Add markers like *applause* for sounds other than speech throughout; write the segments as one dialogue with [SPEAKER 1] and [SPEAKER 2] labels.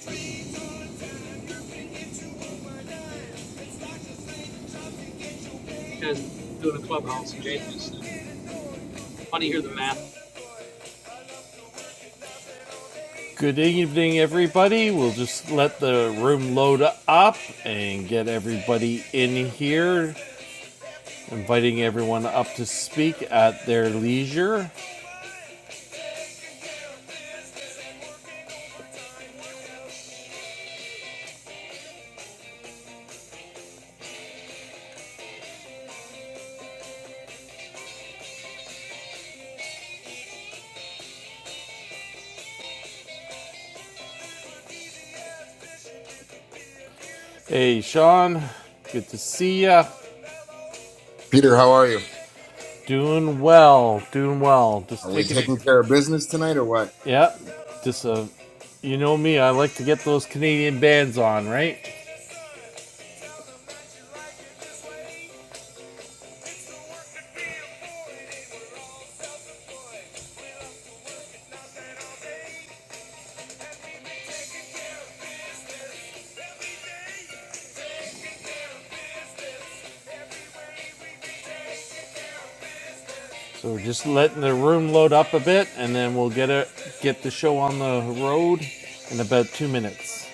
[SPEAKER 1] So, These guys doing a clubhouse changes. I Want to hear the math?
[SPEAKER 2] Good evening, everybody. We'll just let the room load up and get everybody in here, inviting everyone up to speak at their leisure. Hey, Sean, good to see ya.
[SPEAKER 3] Peter, how are you?
[SPEAKER 2] Doing well, doing well.
[SPEAKER 3] Are
[SPEAKER 2] Just
[SPEAKER 3] we
[SPEAKER 2] taking,
[SPEAKER 3] taking care of business tonight or what?
[SPEAKER 2] yeah, just uh, you know me, I like to get those Canadian bands on, right? So we're just letting the room load up a bit, and then we'll get it, get the show on the road in about two minutes.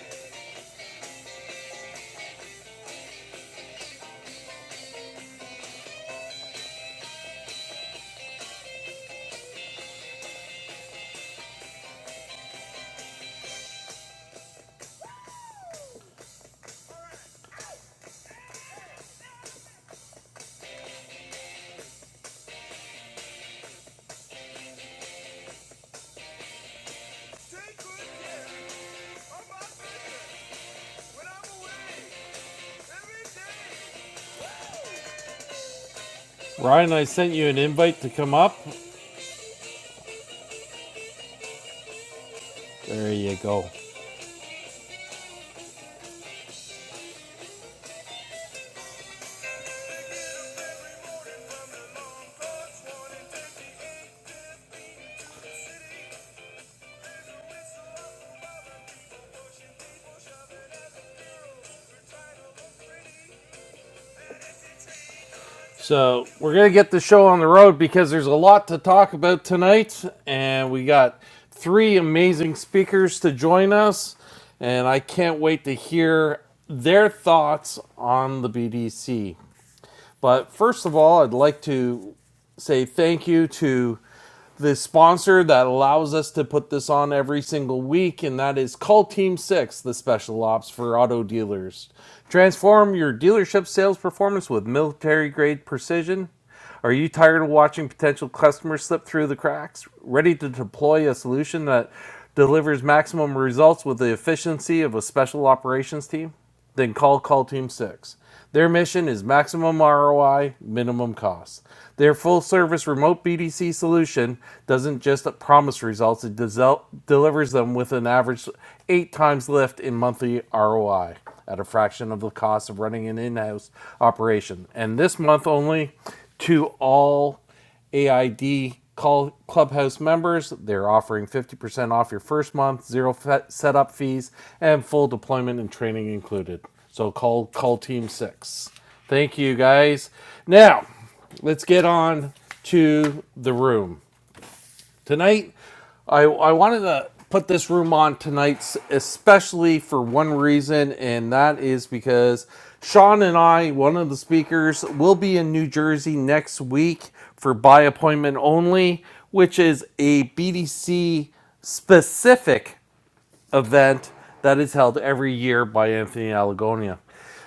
[SPEAKER 2] Ryan, I sent you an invite to come up. There you go. So, we're going to get the show on the road because there's a lot to talk about tonight. And we got three amazing speakers to join us. And I can't wait to hear their thoughts on the BDC. But first of all, I'd like to say thank you to the sponsor that allows us to put this on every single week, and that is Call Team 6, the special ops for auto dealers. Transform your dealership sales performance with military grade precision. Are you tired of watching potential customers slip through the cracks? Ready to deploy a solution that delivers maximum results with the efficiency of a special operations team? Then call Call Team 6. Their mission is maximum ROI, minimum cost. Their full service remote BDC solution doesn't just promise results, it desel- delivers them with an average eight times lift in monthly ROI at a fraction of the cost of running an in house operation. And this month only, to all AID call clubhouse members, they're offering 50% off your first month, zero setup fees, and full deployment and training included. So call call team 6. Thank you guys. Now, let's get on to the room. Tonight, I, I wanted to put this room on tonight, especially for one reason, and that is because Sean and I, one of the speakers, will be in New Jersey next week for by appointment only, which is a BDC specific event that is held every year by Anthony Allegonia.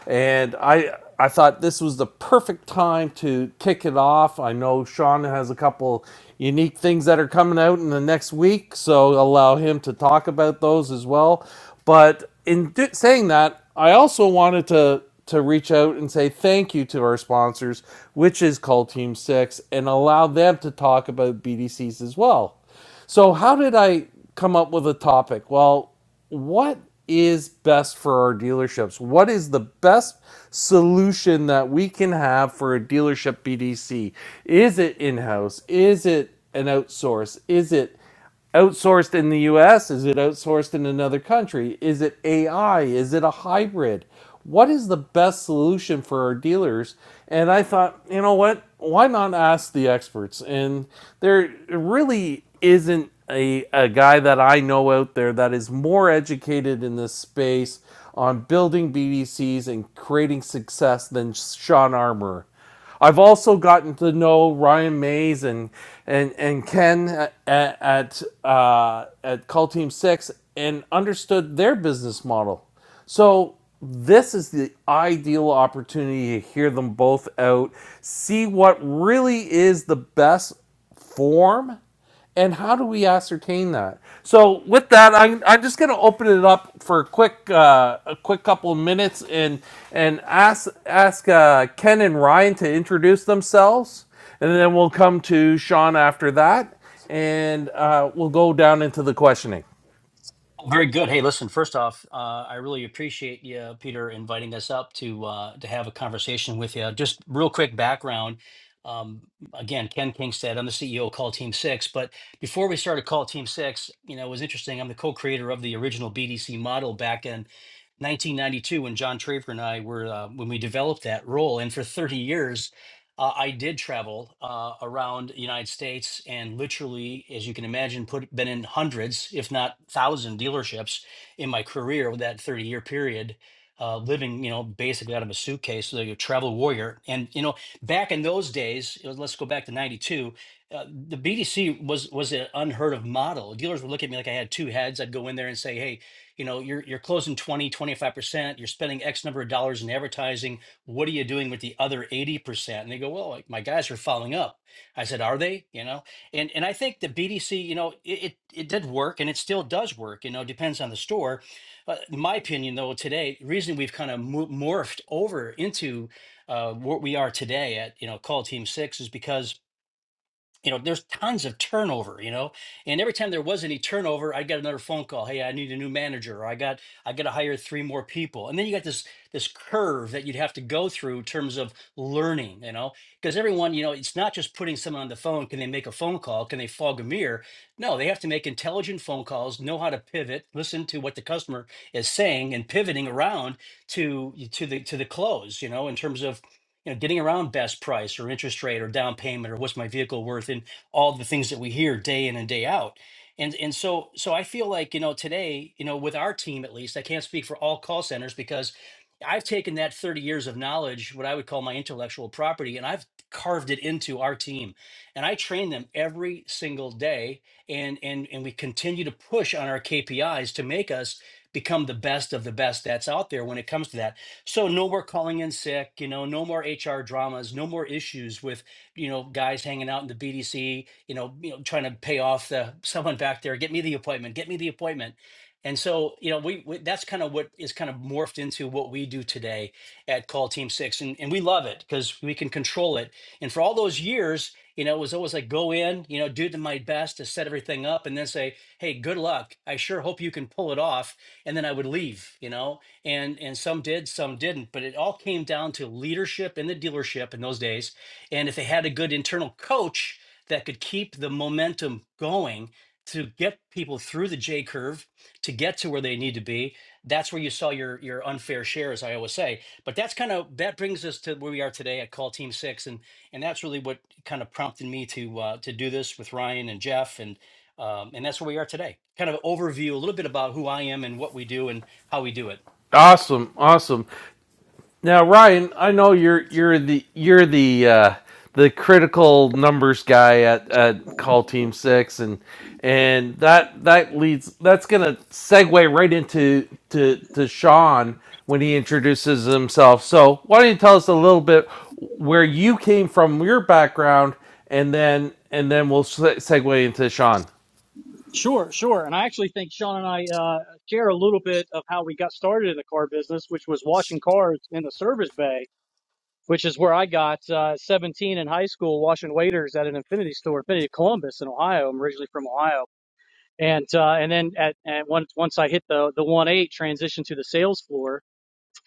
[SPEAKER 2] And I I thought this was the perfect time to kick it off. I know Sean has a couple unique things that are coming out in the next week, so allow him to talk about those as well. But in do- saying that, I also wanted to to reach out and say thank you to our sponsors, which is Call Team Six, and allow them to talk about BDCs as well. So, how did I come up with a topic? Well, what is best for our dealerships? What is the best solution that we can have for a dealership BDC? Is it in house? Is it an outsource? Is it outsourced in the US? Is it outsourced in another country? Is it AI? Is it a hybrid? What is the best solution for our dealers? And I thought, you know what? Why not ask the experts? And there really isn't a, a guy that I know out there that is more educated in this space on building BDCs and creating success than Sean Armour. I've also gotten to know Ryan Mays and and and Ken at at, uh, at Call Team Six and understood their business model. So this is the ideal opportunity to hear them both out, see what really is the best form and how do we ascertain that? So with that, I'm, I'm just going to open it up for a quick uh, a quick couple of minutes and and ask ask uh, Ken and Ryan to introduce themselves, and then we'll come to Sean after that, and uh, we'll go down into the questioning.
[SPEAKER 4] Oh, Very good. Hey, listen, first off, uh, I really appreciate you, Peter, inviting us up to uh, to have a conversation with you. Just real quick background. Um, again, Ken Kingstead, I'm the CEO of Call Team Six. But before we started Call Team Six, you know, it was interesting. I'm the co-creator of the original BDC model back in 1992 when John Traver and I were uh, when we developed that role. And for 30 years, uh, I did travel uh, around the United States and literally, as you can imagine, put been in hundreds, if not thousand, dealerships in my career with that 30 year period, uh, living, you know, basically out of a suitcase, so a travel warrior. And you know, back in those days, you know, let's go back to '92. Uh, the BDC was was an unheard of model. Dealers would look at me like I had two heads. I'd go in there and say, "Hey, you know, you're you're closing 20, 25 percent. You're spending X number of dollars in advertising what are you doing with the other 80% and they go well like, my guys are following up i said are they you know and and i think the bdc you know it, it it did work and it still does work you know depends on the store uh, in my opinion though today the reason we've kind of mo- morphed over into uh, what we are today at you know call team six is because you know, there's tons of turnover, you know, and every time there was any turnover, I got another phone call. Hey, I need a new manager, or I got I got to hire three more people, and then you got this this curve that you'd have to go through in terms of learning, you know, because everyone, you know, it's not just putting someone on the phone. Can they make a phone call? Can they fog a mirror? No, they have to make intelligent phone calls, know how to pivot, listen to what the customer is saying, and pivoting around to to the to the close, you know, in terms of you know getting around best price or interest rate or down payment or what's my vehicle worth and all the things that we hear day in and day out and and so so i feel like you know today you know with our team at least i can't speak for all call centers because i've taken that 30 years of knowledge what i would call my intellectual property and i've carved it into our team and i train them every single day and and and we continue to push on our kpis to make us become the best of the best that's out there when it comes to that so no more calling in sick, you know, no more HR dramas, no more issues with, you know, guys hanging out in the BDC, you know, you know, trying to pay off the *laughs* someone back there, get me the appointment, get me the appointment. And so, you know, we, we that's kind of what is kind of morphed into what we do today at Call Team Six. And, and we love it because we can control it. And for all those years, you know, it was always like go in, you know, do the, my best to set everything up and then say, hey, good luck. I sure hope you can pull it off. And then I would leave, you know? and and some did some didn't but it all came down to leadership in the dealership in those days and if they had a good internal coach that could keep the momentum going to get people through the j curve to get to where they need to be that's where you saw your your unfair share as i always say but that's kind of that brings us to where we are today at call team six and and that's really what kind of prompted me to uh, to do this with ryan and jeff and um, and that's where we are today kind of overview a little bit about who i am and what we do and how we do it
[SPEAKER 2] Awesome, awesome. Now, Ryan, I know you're you're the you're the uh, the critical numbers guy at, at Call Team Six, and and that that leads that's gonna segue right into to to Sean when he introduces himself. So, why don't you tell us a little bit where you came from, your background, and then and then we'll se- segue into Sean.
[SPEAKER 5] Sure, sure. And I actually think Sean and I uh, share a little bit of how we got started in the car business, which was washing cars in the service bay, which is where I got uh, 17 in high school, washing waiters at an Infinity store, Infinity Columbus in Ohio. I'm originally from Ohio. And uh, and then at, at once once I hit the the one eight transition to the sales floor,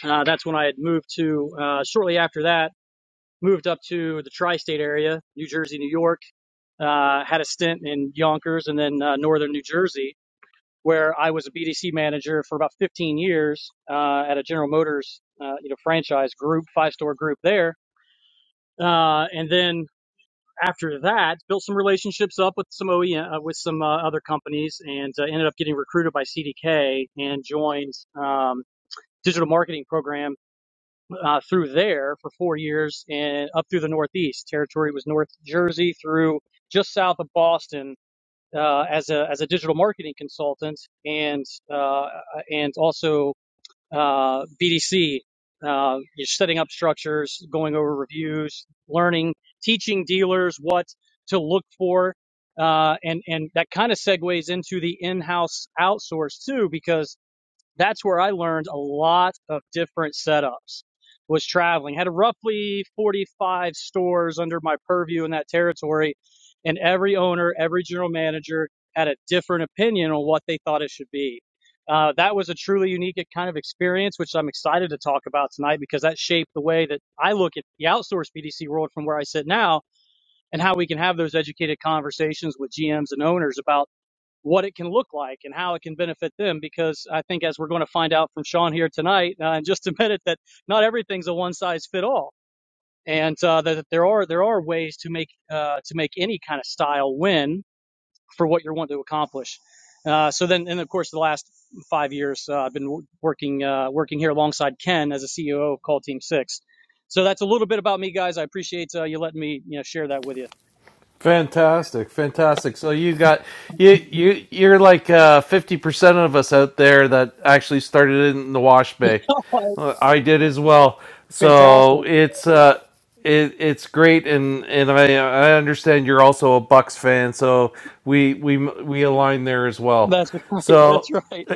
[SPEAKER 5] uh, that's when I had moved to uh, shortly after that moved up to the tri-state area, New Jersey, New York. Uh, had a stint in Yonkers and then uh, northern New Jersey, where I was a BDC manager for about 15 years uh, at a General Motors, uh, you know, franchise group, five store group there. Uh, and then after that, built some relationships up with some OEM, uh, with some uh, other companies, and uh, ended up getting recruited by CDK and joined. Um, digital marketing program uh, through there for four years and up through the northeast territory was north jersey through just south of boston uh, as a as a digital marketing consultant and uh, and also uh, BDC. Uh, you're setting up structures, going over reviews, learning, teaching dealers what to look for, uh, and and that kind of segues into the in-house outsource too, because that's where I learned a lot of different setups. Was traveling, had roughly 45 stores under my purview in that territory, and every owner, every general manager had a different opinion on what they thought it should be. Uh, that was a truly unique kind of experience, which I'm excited to talk about tonight because that shaped the way that I look at the outsourced BDC world from where I sit now and how we can have those educated conversations with GMs and owners about what it can look like and how it can benefit them. Because I think, as we're going to find out from Sean here tonight, uh, in just a *laughs* minute, that not everything's a one size fit all, and uh, that there are there are ways to make uh, to make any kind of style win for what you're wanting to accomplish. Uh, so then, and of course, the last five years, uh, I've been working uh, working here alongside Ken as a CEO of Call Team Six. So that's a little bit about me, guys. I appreciate uh, you letting me you know share that with you.
[SPEAKER 2] Fantastic, fantastic. So you got you you you're like uh, fifty percent of us out there that actually started in the wash bay.
[SPEAKER 5] *laughs*
[SPEAKER 2] Uh, I did as well. So
[SPEAKER 5] Fantastic.
[SPEAKER 2] it's uh it, it's great and and I I understand you're also a Bucks fan. So we we we align there as well.
[SPEAKER 5] That's right.
[SPEAKER 2] So
[SPEAKER 5] That's right.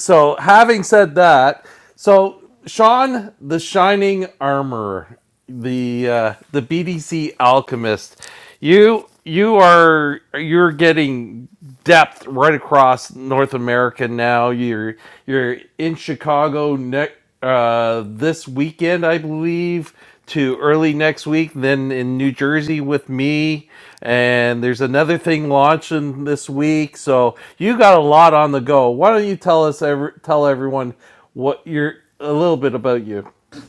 [SPEAKER 2] so having said that, so Sean, the Shining Armorer, the uh, the BDC alchemist, you you are you're getting depth right across North America now. You're you're in Chicago ne- uh, this weekend, I believe, to early next week, then in New Jersey with me. And there's another thing launching this week. So you got a lot on the go. Why don't you tell us, every, tell everyone what you're, a little bit about you?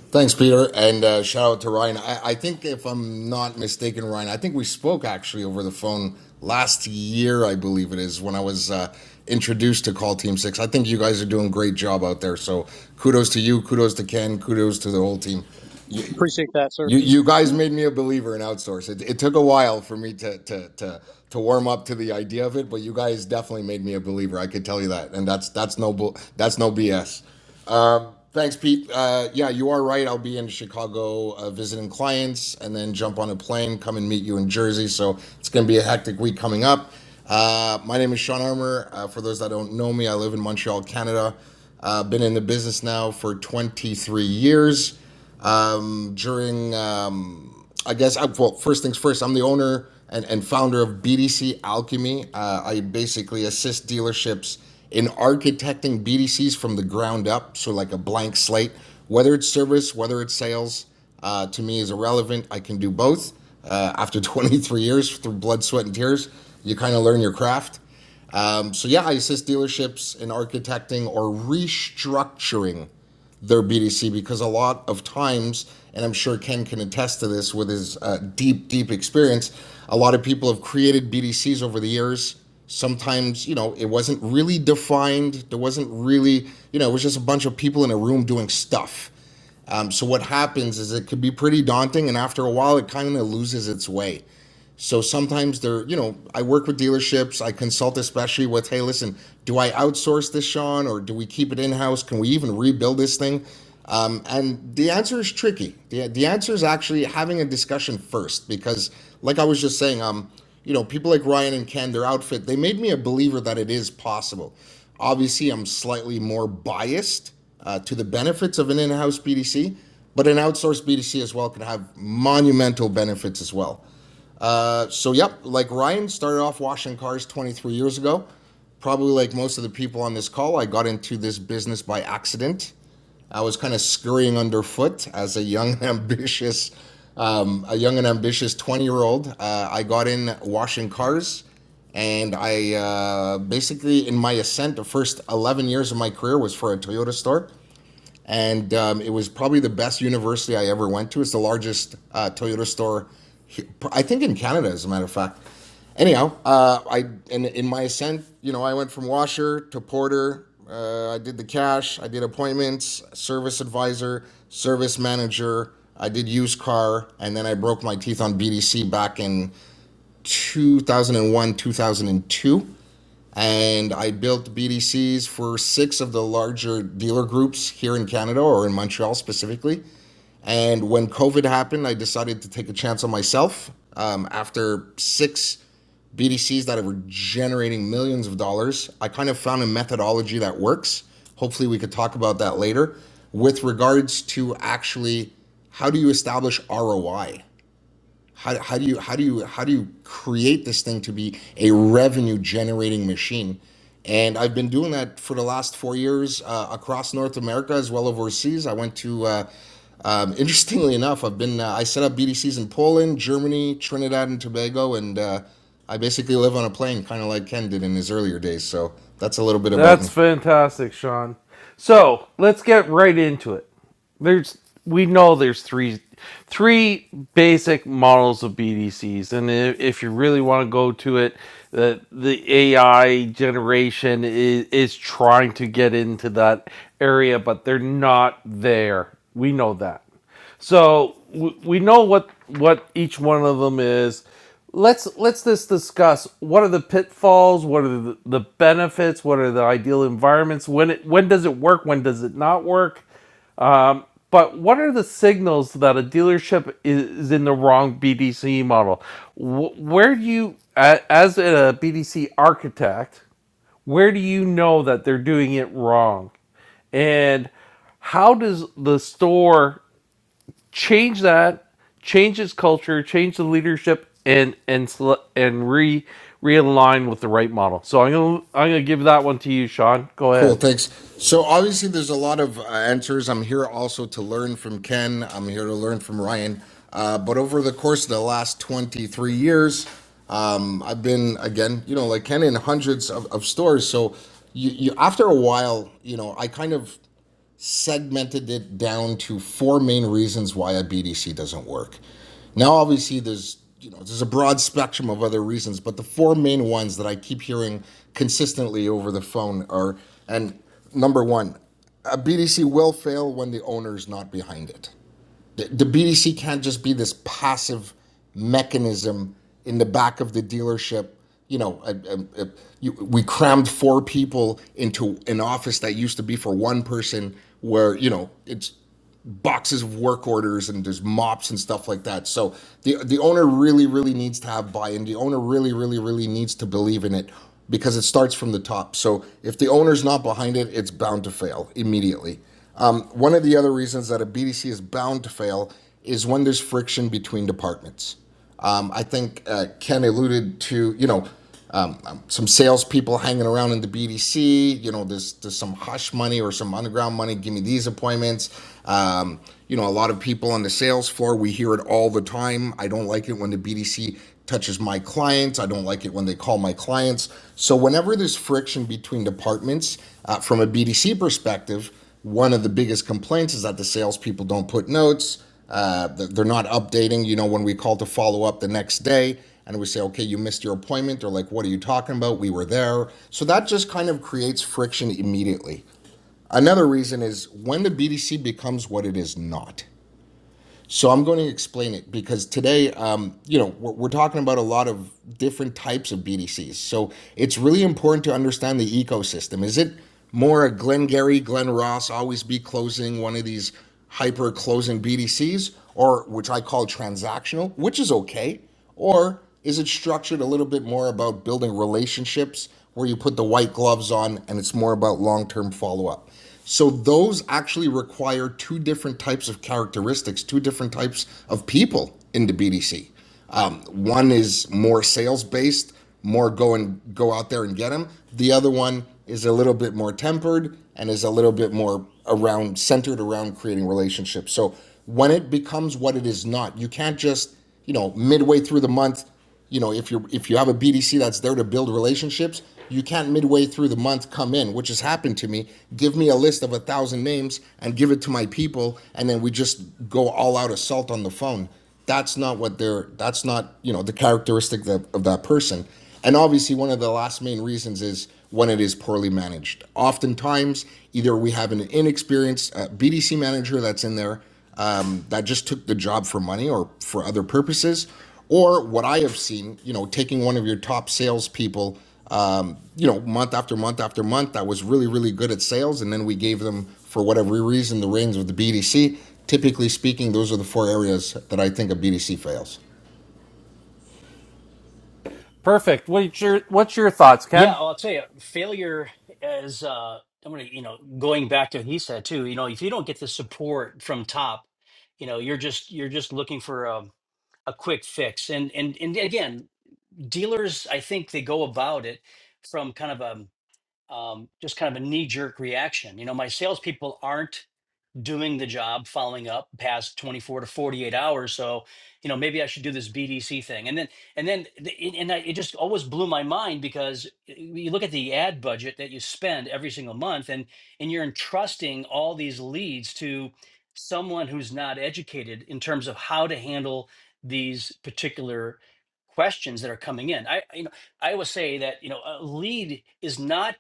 [SPEAKER 3] Thanks, Peter, and uh, shout out to Ryan. I, I think, if I'm not mistaken, Ryan, I think we spoke actually over the phone last year, I believe it is, when I was uh, introduced to Call Team Six. I think you guys are doing a great job out there. So kudos to you, kudos to Ken, kudos to the whole team. You,
[SPEAKER 5] Appreciate that, sir.
[SPEAKER 3] you, you guys made me a believer in outsource. It, it took a while for me to, to to to warm up to the idea of it, but you guys definitely made me a believer. I could tell you that, and that's that's no bull- that's no BS. thanks, Pete. Uh, yeah, you are right. I'll be in Chicago uh, visiting clients and then jump on a plane, come and meet you in Jersey. So it's going to be a hectic week coming up. Uh, my name is Sean Armour. Uh, for those that don't know me, I live in Montreal, Canada. Uh, been in the business now for 23 years um, during, um, I guess, I, well, first things first, I'm the owner and, and founder of BDC Alchemy. Uh, I basically assist dealerships in architecting BDCs from the ground up, so like a blank slate, whether it's service, whether it's sales. Uh, to me is irrelevant. I can do both. Uh, after *laughs* 23 years, through blood, sweat, and tears, you kind of learn your craft. Um, so yeah, I assist dealerships in architecting or restructuring their BDC because a lot of times, and I'm sure Ken can attest to this with his uh, deep, deep experience, a lot of people have created BDCs over the years. Sometimes, you know, it wasn't really defined. There wasn't really, you know, it was just a bunch of people in a room doing stuff. Um, so what happens is it could be pretty daunting, and after a while, it kind of loses its way. So sometimes they're, you know, I work with dealerships. I consult especially with, hey, listen, do I outsource this, Sean, or do we keep it in house? Can we even rebuild this thing? Um, and the answer is tricky. The, the answer is actually having a discussion first because, like I was just saying, um, you know, people like Ryan and Ken, their outfit, they made me a believer that it is possible. Obviously, I'm slightly more biased uh, to the benefits of an in house BDC, but an outsourced BDC as well can have monumental benefits as well. So, yep, like Ryan started off washing cars 23 years ago. Probably like most of the people on this call, I got into this business by accident. I was kind of scurrying underfoot as a young *laughs* and ambitious, um, a young and ambitious 20 year old. Uh, I got in washing cars, and I uh, basically in my ascent, the first 11 years of my career was for a Toyota store and um, it was probably the best university I ever went to. It's the largest uh, Toyota store, I think, in Canada, as a matter of fact. Anyhow, uh, I in, in my ascent, you know, I went from washer to porter. Uh, I did the cash. I did appointments, service advisor, service manager. I did used car, and then I broke my teeth on BDC back in 2001, 2002. And I built BDCs for six of the larger dealer groups here in Canada or in Montreal specifically. And when COVID happened, I decided to take a chance on myself. Um, after six BDCs that were generating millions of dollars, I kind of found a methodology that works. Hopefully, we could talk about that later with regards to actually how do you establish ROI? How, how do you how do you how do you create this thing to be a revenue generating machine? And I've been doing that for the last four years uh, across North America as well as overseas. I went to uh, um, *laughs* interestingly enough, I've been uh, I set up BDCs in Poland, Germany, Trinidad and Tobago, and uh, I basically live on a plane, kind of like Ken did in his earlier days. So that's a little bit about
[SPEAKER 2] That's
[SPEAKER 3] me.
[SPEAKER 2] fantastic, Sean. So let's get right into it. There's we know there's three three basic models of BDCs, and if you really want to go to it, the the AI generation is is trying to get into that area, but they're not there. We know that. So w- we know what what each one of them is. Let's let's just discuss what are the pitfalls, what are the, the benefits, what are the ideal environments, when it when does it work, when does it not work? But what are the signals that a dealership is, in the wrong BDC model? Where do you as a BDC architect, where do you know that they're doing it wrong? And how does the store change that, change its culture, change the leadership, and and sele- and re realign with the right model. So I'm gonna I'm gonna give that one to you, Sean. Go
[SPEAKER 3] Cool,
[SPEAKER 2] ahead.
[SPEAKER 3] thanks. So obviously, there's a lot of uh, answers. I'm here also to learn from Ken. I'm here to learn from Ryan. Uh, but over the course of the last 23 years, um, I've been again, you know, like Ken in hundreds of, of stores. So you, you, after a while, you know, I kind of segmented it down to four main reasons why a BDC doesn't work. Now, obviously, there's you know there's a broad spectrum of other reasons, but the four main ones that I keep hearing consistently over the phone are and number one, a BDC will fail when the owner's not behind it. The BDC can't just be this passive mechanism in the back of the dealership. You know, a, a, a, you, we crammed four people into an office that used to be for one person, where you know it's boxes of work orders and there's mops and stuff like that. So the the owner really really needs to have buy-in. The owner really really really needs to believe in it because it starts from the top. So if the owner's not behind it, it's bound to fail immediately one of the other reasons that a BDC is bound to fail is when there's friction between departments. Um, I think uh, Ken alluded to, you know, um, um, some salespeople hanging around in the BDC. You know, there's there's some hush money or some underground money. Give me these appointments. Um, you know, a lot of people on the sales floor. We hear it all the time. I don't like it when the BDC touches my clients. I don't like it when they call my clients. So whenever there's friction between departments, uh, from a BDC perspective, one of the biggest complaints is that the salespeople don't put notes. Uh, they're not updating. You know, when we call to follow up the next day and we say, okay, you missed your appointment, they're like, what are you talking about? We were there. So that just kind of creates friction immediately. Another reason is when the BDC becomes what it is not. So I'm going to explain it because today, um, you know, we're, we're talking about a lot of different types of BDCs. So it's really important to understand the ecosystem. Is it more a Glengarry, Glen Ross always be closing one of these hyper closing BDCs, or which I call transactional, which is okay, or is it structured a little bit more about building relationships where you put the white gloves on and it's more about long term follow up? So those actually require two different types of characteristics, two different types of people in the BDC. One is more sales based, more go and go out there and get them. The other one is a little bit more tempered and is a little bit more around centered around creating relationships. So when it becomes what it is not, you can't just, you know, midway through the month you know, if you're if you have a BDC that's there to build relationships, you can't midway through the month come in, which has happened to me. Give me a list of a thousand names and give it to my people, and then we just go all out assault on the phone. That's not what they're. That's not you know the characteristic that, of that person. And obviously, one of the last main reasons is when it is poorly managed. Oftentimes, either we have an inexperienced uh, BDC manager that's in there um, that just took the job for money or for other purposes, or what I have seen, you know, taking one of your top salespeople, you know, month after month after month that was really, really good at sales, and then we gave them, for whatever reason, the reins of the BDC. Typically speaking, those are the four areas that I think a BDC fails.
[SPEAKER 2] Perfect. What's your What's your thoughts,
[SPEAKER 4] Yeah,
[SPEAKER 2] Ken?
[SPEAKER 4] well, I'll tell you, failure is, uh, I'm gonna, you know, going back to what he said too, you know, if you don't get the support from top, you know, you're just you're just looking for a, a quick fix. And and and again, dealers, I think they go about it from kind of a um, just kind of a knee-jerk reaction. You know, my salespeople aren't doing the job following up past 24 to 48 hours so you know maybe i should do this bdc thing and then and then the- it- and I, it just always blew my mind because you look at the ad budget that you spend every single month and and you're entrusting all these leads to someone who's not educated in terms of how to handle these particular questions that are coming in i you know i always say that you know a lead is not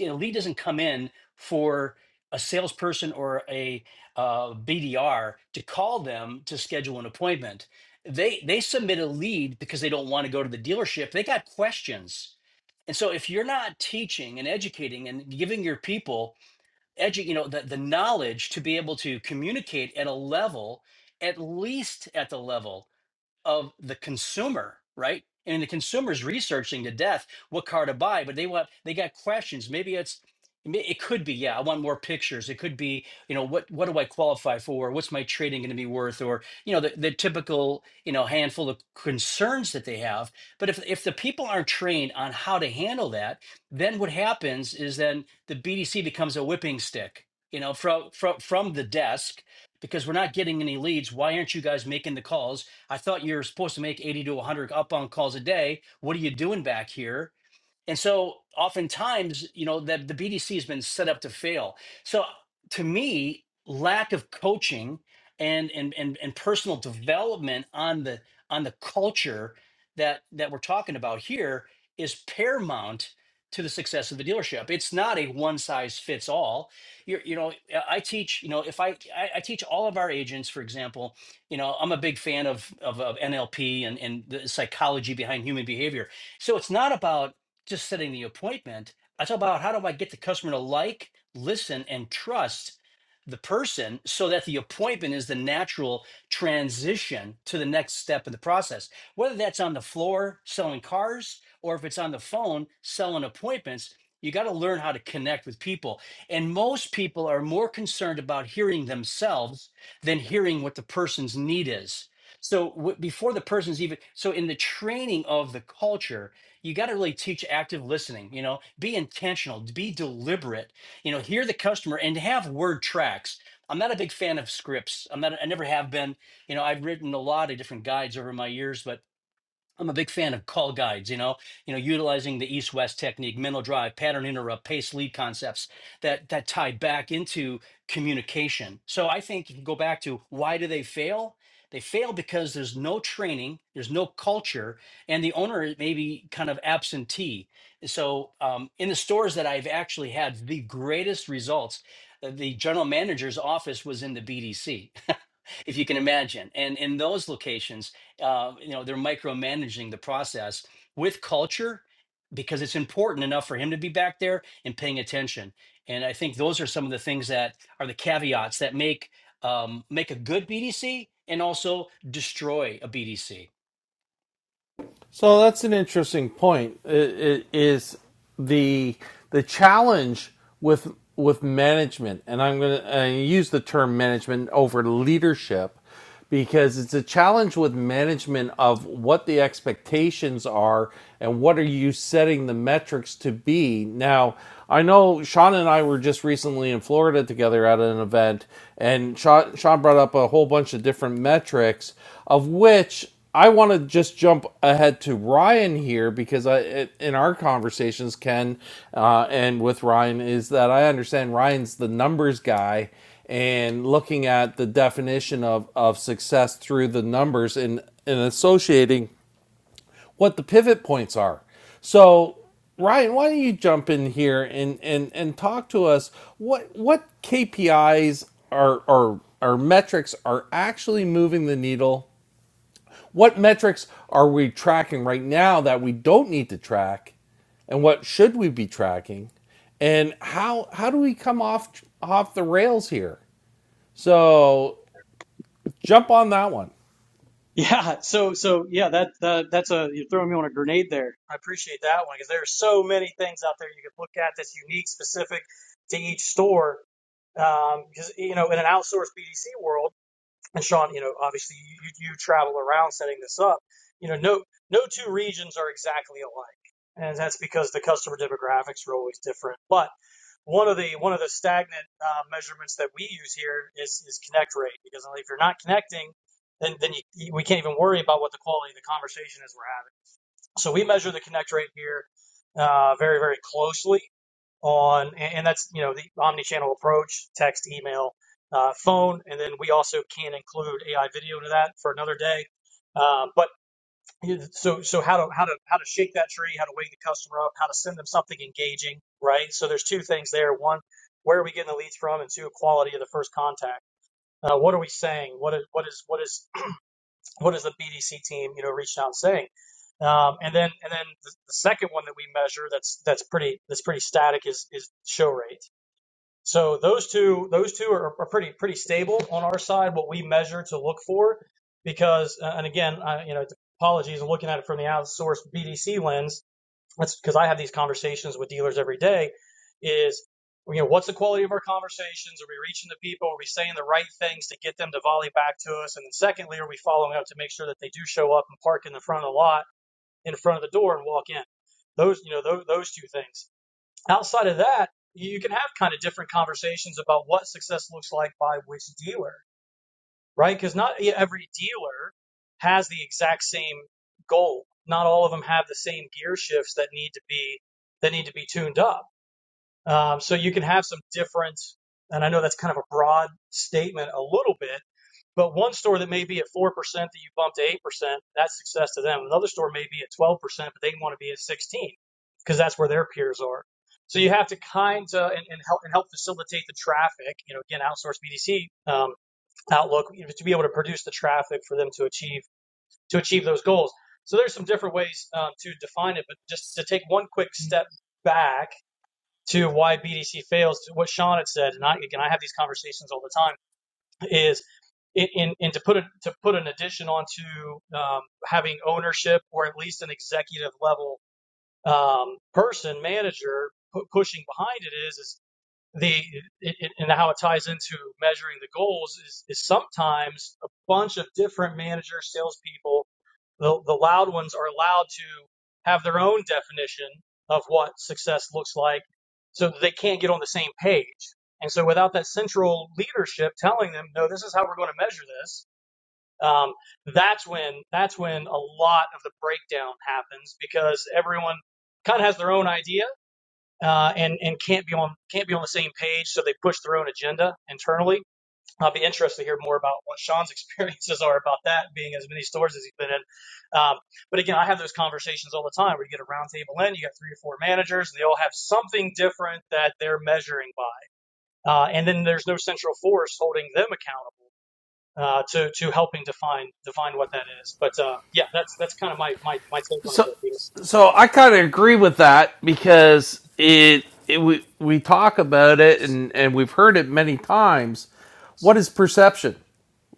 [SPEAKER 4] a lead doesn't come in for a salesperson or a uh, BDR to call them to schedule an appointment. They they submit a lead because they don't want to go to the dealership. They got questions. And so if you're not teaching and educating and giving your people edu- you know the, the knowledge to be able to communicate at a level at least at the level of the consumer, right? And the consumer's researching to death what car to buy, but they want they got questions. Maybe it's may- it could be yeah, I want more pictures. It could be you know what what do I qualify for? What's my trading going to be worth? Or you know the, the typical you know handful of concerns that they have. But if if the people aren't trained on how to handle that, then what happens is then the BDC becomes a whipping stick. You know from from from the desk because we're not getting any leads. Why aren't you guys making the calls? I thought you were supposed to make 80 to 100 up on calls a day. What are you doing back here? And so oftentimes, you know, that the BDC has been set up to fail. So to me, lack of coaching and and and, and personal development on the on the culture that that we're talking about here is paramount to the success of a dealership. It's not a one size fits all. You you know, I teach, you know, if I, I I teach all of our agents, for example, you know, I'm a big fan of of, of NLP and and the psychology behind human behavior. So it's not about just setting the appointment. I talk about how do I get the customer to like, listen, and trust the person so that the appointment is the natural transition to the next step in the process. Whether that's on the floor selling cars or if it's on the phone selling appointments, you got to learn how to connect with people. And most people are more concerned about hearing themselves than hearing what the person's need is. So, w- before the person's even, so in the training of the culture, you got to really teach active listening you know be intentional be deliberate you know hear the customer and have word tracks i'm not a big fan of scripts i'm not i never have been you know i've written a lot of different guides over my years but I'm a big fan of call guides, you know, you know, utilizing the east-west technique, mental drive, pattern interrupt, pace lead concepts that that tie back into communication. So I think you can go back to why do they fail? They fail because there's no training, there's no culture, and the owner is maybe kind of absentee. So um, in the stores that I've actually had the greatest results, uh, the general manager's office was in the BDC. *laughs* if you can imagine. And in those locations, uh, you know they're micromanaging the process with culture because it's important enough for him to be back there and paying attention and i think those are some of the things that are the caveats that make um, make a good bdc and also destroy a bdc
[SPEAKER 2] So that's an interesting point. It, it is the the challenge with with management, and I'm going to use the term management over leadership because it's a challenge with management of what the expectations are and what are you setting the metrics to be. Now, I know Sean and I were just recently in Florida together at an event, and Sean, Sean brought up a whole bunch of different metrics, of which I want to just jump ahead to Ryan here because I, in our conversations, Ken, uh, and with Ryan, is that I understand Ryan's the numbers guy and looking at the definition of, of success through the numbers and, and associating what the pivot points are. So, Ryan, why don't you jump in here and, and, and talk to us what what KPIs are are are metrics are actually moving the needle what metrics are we tracking right now that we don't need to track, and what should we be tracking, and how how do we come off off the rails here? So jump on that one.
[SPEAKER 5] Yeah, so so yeah, that uh, that's a you're throwing me on a grenade there. I appreciate that one because there are so many things out there you could look at that's unique, specific to each store. Because you know, in an outsourced BDC world and Sean, you know, obviously you, you travel around setting this up. You know, no no two regions are exactly alike, and that's because the customer demographics are always different. But one of the one of the stagnant uh, measurements that we use here is is connect rate because if you're not connecting, then then you- we can't even worry about what the quality of the conversation is we're having. So we measure the connect rate here uh, very, very closely on, and that's you know the omni-channel approach: text, email, uh, phone, and then we also can include AI video to that for another day. Um, but so so how to how to how to shake that tree, how to wake the customer up, how to send them something engaging, right? So there's two things there: one, where are we getting the leads from, and two, quality of the first contact. Uh, what are we saying? What is what is what is what is the BDC team, you know, reaching out and saying? Um, and then and then the, the second one that we measure that's that's pretty that's pretty static is is show rate. So those two those two are, are pretty pretty stable on our side. What we measure to look for, because uh, and again, I, you know, apologies, I'm looking at it from the outsourced BDC lens that's because I have these conversations with dealers every day is, you know, what's the quality of our conversations? Are we reaching the people? Are we saying the right things to get them to volley back to us? And then secondly, are we following up to make sure that they do show up and park in the front of the lot, in front of the door and walk in? Those, you know, those, those two things. Outside of that, you can have kind of different conversations about what success looks like by which dealer right? Because not e- every dealer has the exact same goal. Not all of them have the same gear shifts that need to be that need to be tuned up. Um, so you can have some difference. And I know that's kind of a broad statement, a little bit, but one store that may be at four percent that you bump to eight percent, that's success to them. Another store may be at twelve percent, but they want to be at sixteen because that's where their peers are. So you have to kind of and, and help and help facilitate the traffic. You know, again, outsource BDC um, outlook to be able to produce the traffic for them to achieve to achieve those goals. So there's some different ways um, to define it, but just to take one quick step back to why BDC fails, to what Sean had said, and I, again I have these conversations all the time, is in, in, and to put a, to put an addition onto um, having ownership or at least an executive level um, person manager pu- pushing behind it is is the and how it ties into measuring the goals is, is sometimes a bunch of different managers, salespeople. The, the loud ones are allowed to have their own definition of what success looks like, so that they can't get on the same page. And so, without that central leadership telling them, "No, this is how we're going to measure this," um, that's when that's when a lot of the breakdown happens because everyone kind of has their own idea uh, and and can't be on can't be on the same page, so they push their own agenda internally. I'll be interested to hear more about what Sean's *laughs* experiences are about that, being as many stores as he's been in. Um, but again, I have those conversations all the time where you get a round table in, you got three or four managers, and they all have something different that they're measuring by, uh, and then there's no central force holding them accountable. Uh, to to helping define define what that is, but uh, yeah, that's that's kind of my my my take on it
[SPEAKER 2] So,
[SPEAKER 5] there, Peter.
[SPEAKER 2] so I kind of agree with that because it, it we we talk about it and and we've heard it many times. What is perception?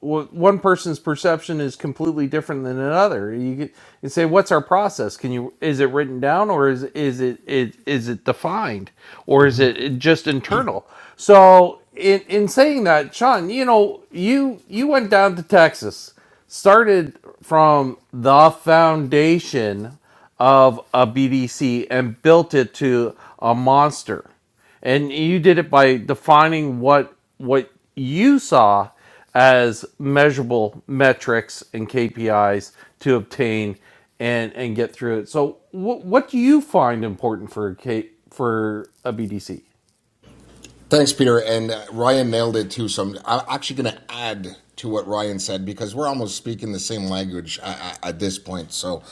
[SPEAKER 2] wh- one person's perception is completely different than another. You could- you say, "What's our process? Can you is it written down, or is is it is, is it defined, or is it it just internal?" So, in in saying that, Sean, you know, you you went down to Texas, started from the foundation of a BDC and built it to a monster. And you did it by defining what what you saw as measurable metrics and KPIs to obtain and and get through it. So what what do you find important for a K, for a BDC?
[SPEAKER 3] Thanks, Peter. And uh, Ryan nailed it too. So I'm, I'm actually going to add to what Ryan said because we're almost speaking the same language at, at this point. So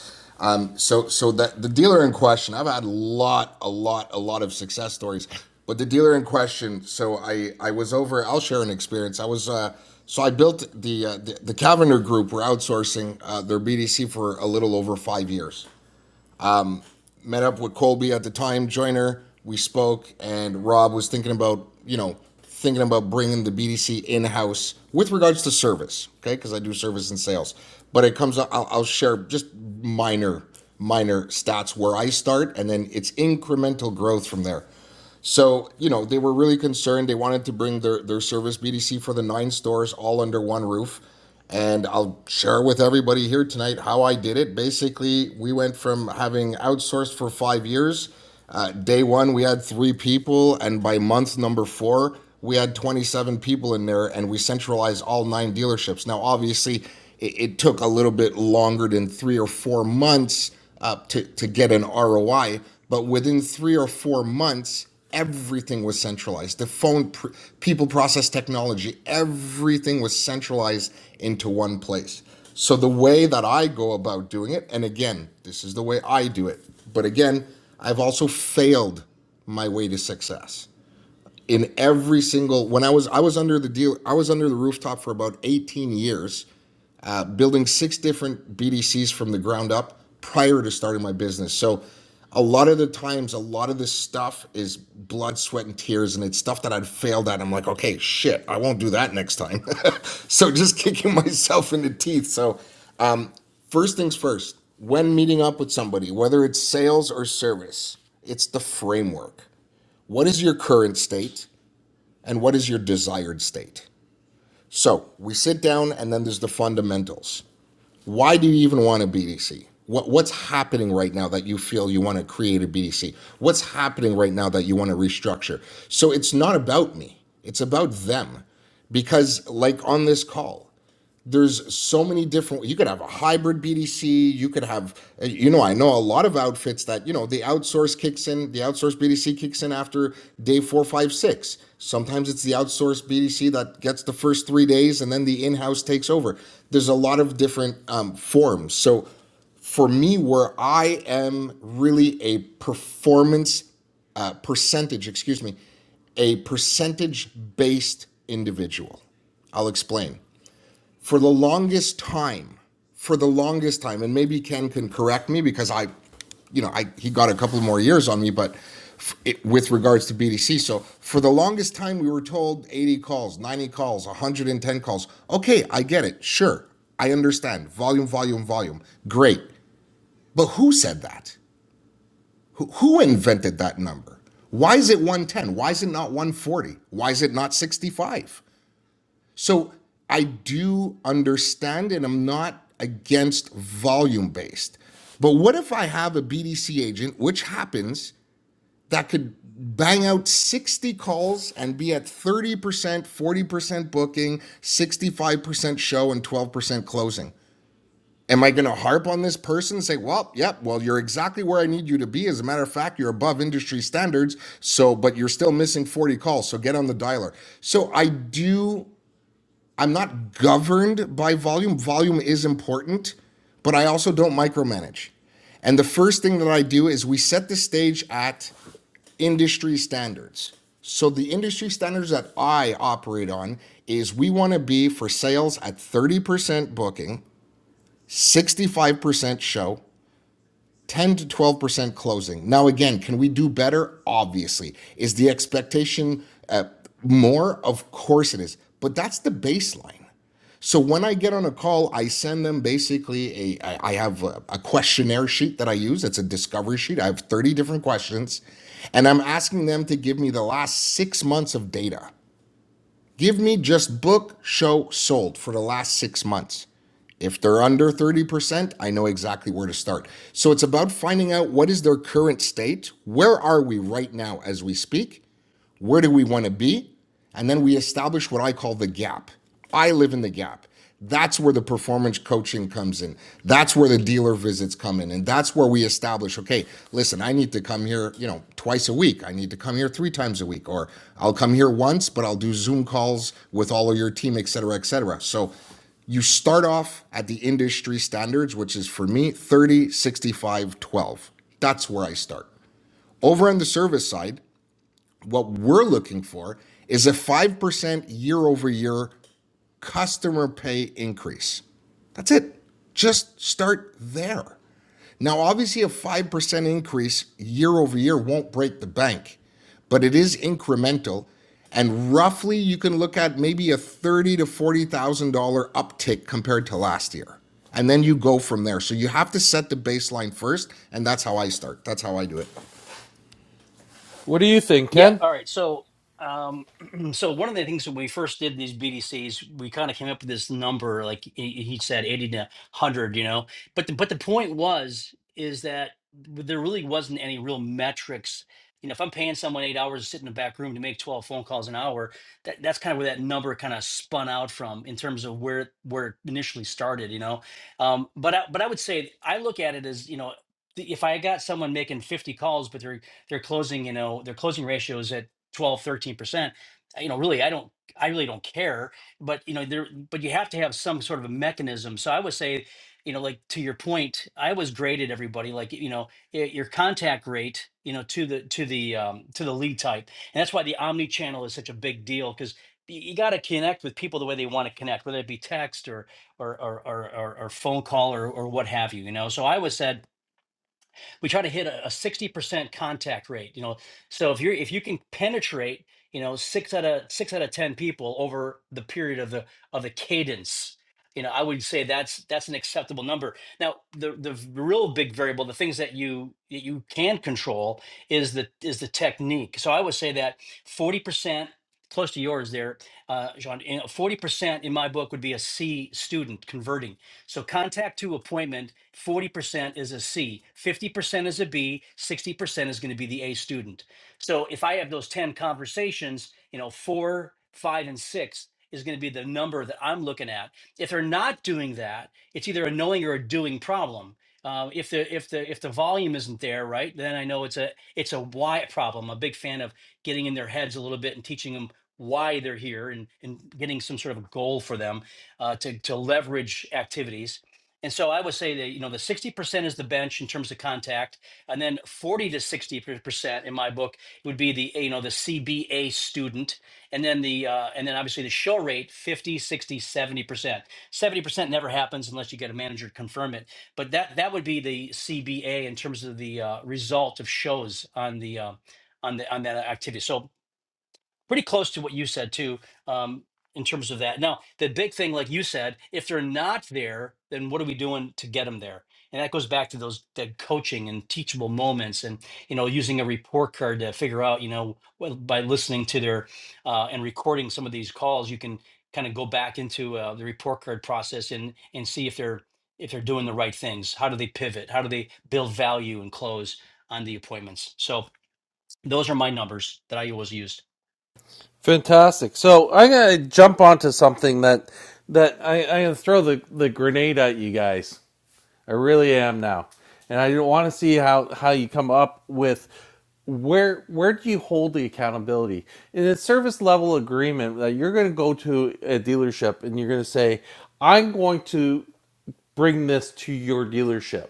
[SPEAKER 3] Um, so so that the dealer in question i've had a lot a lot a lot of success stories but the dealer in question so i i was over i'll share an experience i was uh so i built the uh, the, the Cavender group were outsourcing uh, their bdc for a little over five years met up with Colby at the time, Joiner. We spoke, and Rob was thinking about, you know, thinking about bringing the BDC in house with regards to service, okay? Because I do service and sales. But it comes, up, I'll, I'll share just minor, minor stats where I start, and then it's incremental growth from there. So, you know, they were really concerned. They wanted to bring their, their service BDC for the nine stores all under one roof. And I'll share with everybody here tonight how I did it. Basically, we went from having outsourced for five years. Uh, day one, we had three people. And by month number four, we had 27 people in there and we centralized all nine dealerships. Now, obviously, it, it took a little bit longer than three or four months uh, to, to get an ROI. But within three or four months, everything was centralized. The phone, pr- people process technology, everything was centralized into one place. So the way that I go about doing it, and again, this is the way I do it, but again, I've also failed my way to success in every single when I was I was under the deal I was under the rooftop for about 18 years building six different BDCs from the ground up prior to starting my business. So a lot of the times, a lot of this stuff is blood, sweat, and tears, and it's stuff that I'd failed at. I'm like, okay, shit, I won't do that next time. *laughs* so just kicking *laughs* myself in the teeth. So first things first, when meeting up with somebody, whether it's sales or service, it's the framework. What is your current state and what is your desired state? So we sit down and then there's the fundamentals why do you even want a BDC? What, what's happening right now that you feel you want to create a BDC? What's happening right now that you want to restructure? So it's not about me, it's about them. Because, like on this call, there's so many different you could have a hybrid BDC, you could have uh, you know, I know a lot of outfits that, you know, the outsource kicks in, the outsource BDC kicks in after day four, five, six. Sometimes it's the outsourced BDC that gets the first three days and then the in-house takes over. There's a lot of different um, forms. So for me, where I am really a performance uh, percentage, excuse me, a percentage based individual. I'll explain for the longest time, for the longest time, and maybe Ken can correct me because I, you know, I he got a couple more years on me, but it, with regards to BDC, so for the longest time we were told 80 calls, 90 calls, 110 calls. Okay, I get it. Sure, I understand. Volume, volume, volume. Great, but who said that? Who, who invented that number? Why is it 110? Why is it not 140? Why is it not 65? So I do understand and I'm not against volume based. But what if I have a BDC agent, which happens, that could bang out 60 calls and be at 30%, 40% booking, 65% show, and 12% closing? Am I going to harp on this person and say, well, yep, well, you're exactly where I need you to be. As a matter of fact, you're above industry standards. So, but you're still missing 40 calls. So get on the dialer. So I do I'm not governed by volume. Volume is important, but I also don't micromanage. And the first thing that I do is we set the stage at industry standards. So the industry standards that I operate on is we want to be for sales at 30% booking, 65% show, 10 to 12% closing. Now, again, can we do better? Obviously. Is the expectation uh, more? Of course it is. But that's the baseline. So when I get on a call, I send them basically a. I have a a questionnaire sheet that I use. It's a discovery sheet. I have 30 different questions. And I'm asking them to give me the last six months of data. Give me just book, show, sold for the last six months. If they're under 30%, I know exactly where to start. So it's about finding out what is their current state, where are we right now as we speak, where do we want to be? And then we establish what I call the gap. I live in the gap. That's where the performance coaching comes in. That's where the dealer visits come in. And that's where we establish, okay, listen, I need to come here, you know, twice a week. I need to come here three times a week, or I'll come here once, but I'll do Zoom calls with all of your team, et cetera, et cetera. So you start off at the industry standards, which is for me 30, 65, 12. That's where I start. Over on the service side, what we're looking for is a 5% year over year customer pay increase. That's it. Just start there. Now, obviously, a 5% increase year over year won't break the bank, but it is incremental. And roughly, you can look at maybe a thirty thousand to forty thousand dollar uptick compared to last year, and then you go from there. So you have to set the baseline first, and that's how I start. That's how I do it.
[SPEAKER 2] What do you think,
[SPEAKER 4] Yeah.
[SPEAKER 2] Ken?
[SPEAKER 4] All right. So, um, *clears throat* so one of the things when we first did these BDCs, we kind of came up with this number, like he he said, eighty to hundred. You know, but the, but the point was is that there really wasn't any real metrics. You know, if I'm paying someone eight hours to sit in the back room to make twelve phone calls an hour, that, that's kind of where that number kind of spun out from in terms of where where it initially started. You know, um, but I, but I would say I look at it as you know, the- if I got someone making fifty calls, but they're they're closing, you know, their closing ratio is at twelve, thirteen percent uh, You know, really, I don't, I really don't care, but you know, there, but you have to have some sort of a mechanism. So I would say, you know, like to your point, I was graded everybody, like, you know, y- your contact rate, you know, to the, to the, um, to the lead type. And that's why the omni channel is such a big deal because you got to connect with people the way they want to connect, whether it be text or, or, or, or, or, or phone call or, or what have you, you know? So I was said, we try to hit a, a 60% contact rate you know so if you're if you can penetrate you know six out of six out of ten people over the period of the of the cadence you know i would say that's that's an acceptable number now the the real big variable the things that you that you can control is the is the technique so i would say that 40% close to yours there uh, Jean, 40% in my book would be a C student converting. So contact to appointment, 40% is a C, 50% is a B, 60% is going to be the A student. So if I have those 10 conversations, you know, four, five, and six is going to be the number that I'm looking at. If they're not doing that, it's either a knowing or a doing problem. Uh, if the if the if the volume isn't there, right, then I know it's a it's a why problem. I'm a big fan of getting in their heads a little bit and teaching them why they're here and and getting some sort of goal for them uh, to to leverage activities. And so I would say that you know the sixty percent is the bench in terms of contact, and then forty to sixty percent in my book would be the you know the CBA student, and then the uh, and then obviously the show rate 50, 60, 70 percent. Seventy percent never happens unless you get a manager to confirm it. But that that would be the CBA in terms of the uh, result of shows on the uh, on the on that activity. So pretty close to what you said too um, in terms of that now the big thing like you said if they're not there then what are we doing to get them there and that goes back to those that coaching and teachable moments and you know using a report card to figure out you know well, by listening to their uh, and recording some of these calls you can kind of go back into uh, the report card process and and see if they're if they're doing the right things how do they pivot how do they build value and close on the appointments so those are my numbers that i always used
[SPEAKER 2] Fantastic. So I'm gonna jump onto something that that I, I gonna throw the, the grenade at you guys. I really am now, and I want to see how how you come up with where where do you hold the accountability in a service level agreement that you're going to go to a dealership and you're going to say, I'm going to bring this to your dealership.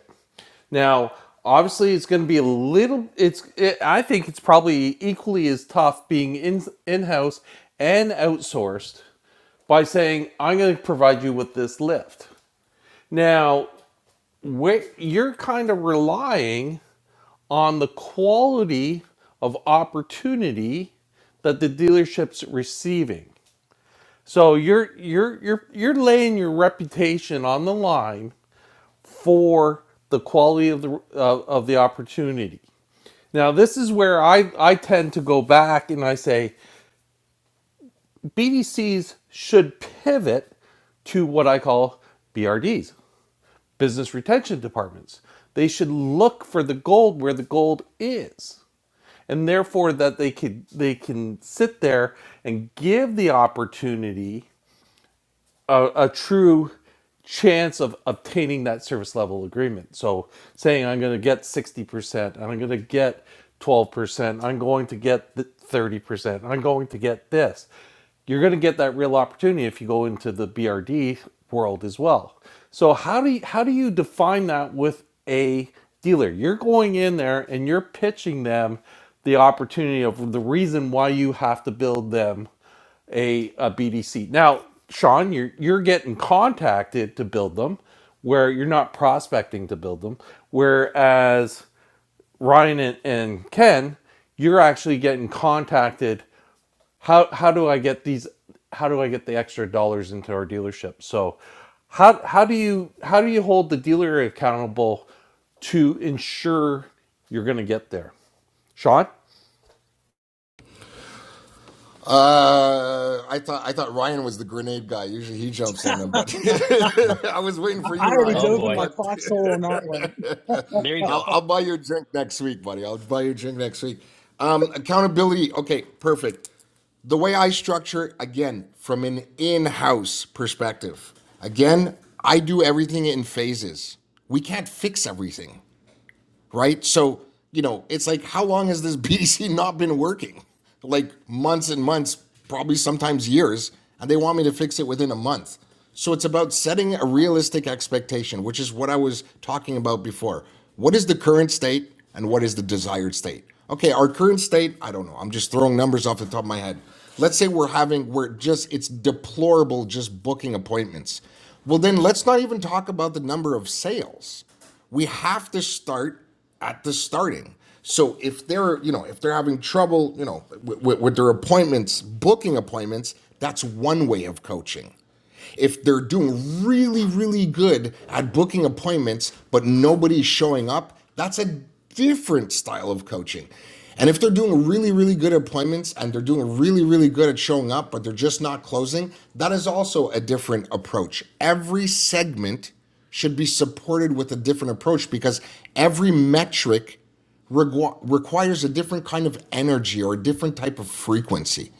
[SPEAKER 2] Now, obviously, it's going to be a little. It's it, I think it's probably equally as tough being in in house and outsourced by saying, I'm going to provide you with this lift. Now, where you're kind of relying on the quality of opportunity that the dealership's receiving. So you're you're you're you're laying your reputation on the line for the quality of the of of the opportunity. Now this is where I I tend to go back and I say BDCs should pivot to what I call BRDs, business retention departments. They should look for the gold where the gold is. And therefore that they can they can sit there and give the opportunity a, a true chance of obtaining that service level agreement. So saying I'm going to get 60%, and I'm going to get 12%, I'm going to get 30%, I'm going to get this. You're going to get that real opportunity if you go into the BRD world as well. So how do you, how do you define that with a dealer? You're going in there and you're pitching them the opportunity of the reason why you have to build them a, a BDC. Now, Sean, you're you're getting contacted to build them, where you're not prospecting to build them. Whereas Ryan and, and Ken, you're actually getting contacted. How how do I get these? How do I get the extra dollars into our dealership? So, how how do you how do you hold the dealer accountable to ensure you're going to get there? Sean,
[SPEAKER 3] Uh, I thought I thought Ryan was the grenade guy. Usually he jumps on them, but *laughs* I was waiting for
[SPEAKER 5] I
[SPEAKER 3] you,
[SPEAKER 5] already
[SPEAKER 4] oh
[SPEAKER 3] Ryan.
[SPEAKER 4] boy
[SPEAKER 3] But *laughs*
[SPEAKER 4] There you go.
[SPEAKER 3] I'll, I'll buy you a drink next week, buddy. I'll buy you a drink next week. Um, accountability. Okay, perfect. The way I structure, again, from an in-house perspective. Again, I do everything in phases. We can't fix everything right? So, you know, it's like, how long has this *laughs* BDC not been working? Like months and months, probably sometimes years, and they want me to fix it within a month. So it's about setting a realistic expectation, which is what I was talking about before. What is the current state and what is the desired state? Okay, our current state, I don't know. I'm just throwing numbers off the top of my head. Let's say we're having, we're just, it's deplorable just booking appointments. Well, then let's not even talk about the number of sales we have to start at the starting. So if they're, you know, if they're having trouble, you know, with, with their appointments, booking appointments, that's one way of coaching. If they're doing really, really good at booking appointments, but nobody's showing up, that's a different style of coaching. And if they're doing really, really good appointments and they're doing really, really good at showing up, but they're just not closing, that is also a different approach. Every segment should be supported with a different approach because every metric requ- requires a different kind of energy or a different type of frequency.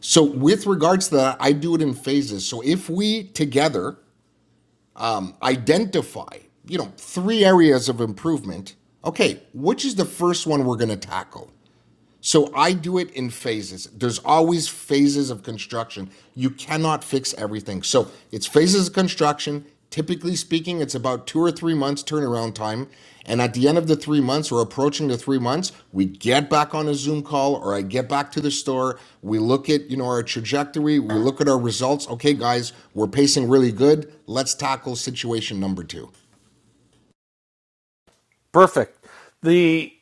[SPEAKER 3] So, with regards to that, I do it in phases. So, if we together identify, you know, three areas of improvement, okay, which is the first one we're going to tackle? So I do it in phases. There's always phases of construction. You cannot fix everything. So it's phases of construction. Typically speaking, it's about two or three months turnaround time. And at the end of the three months or approaching the three months, we get back on a Zoom call or I get back to the store. We look at, you know, our trajectory. We look at our results. Okay, guys, we're pacing really good. Let's tackle situation number two.
[SPEAKER 2] perfect. The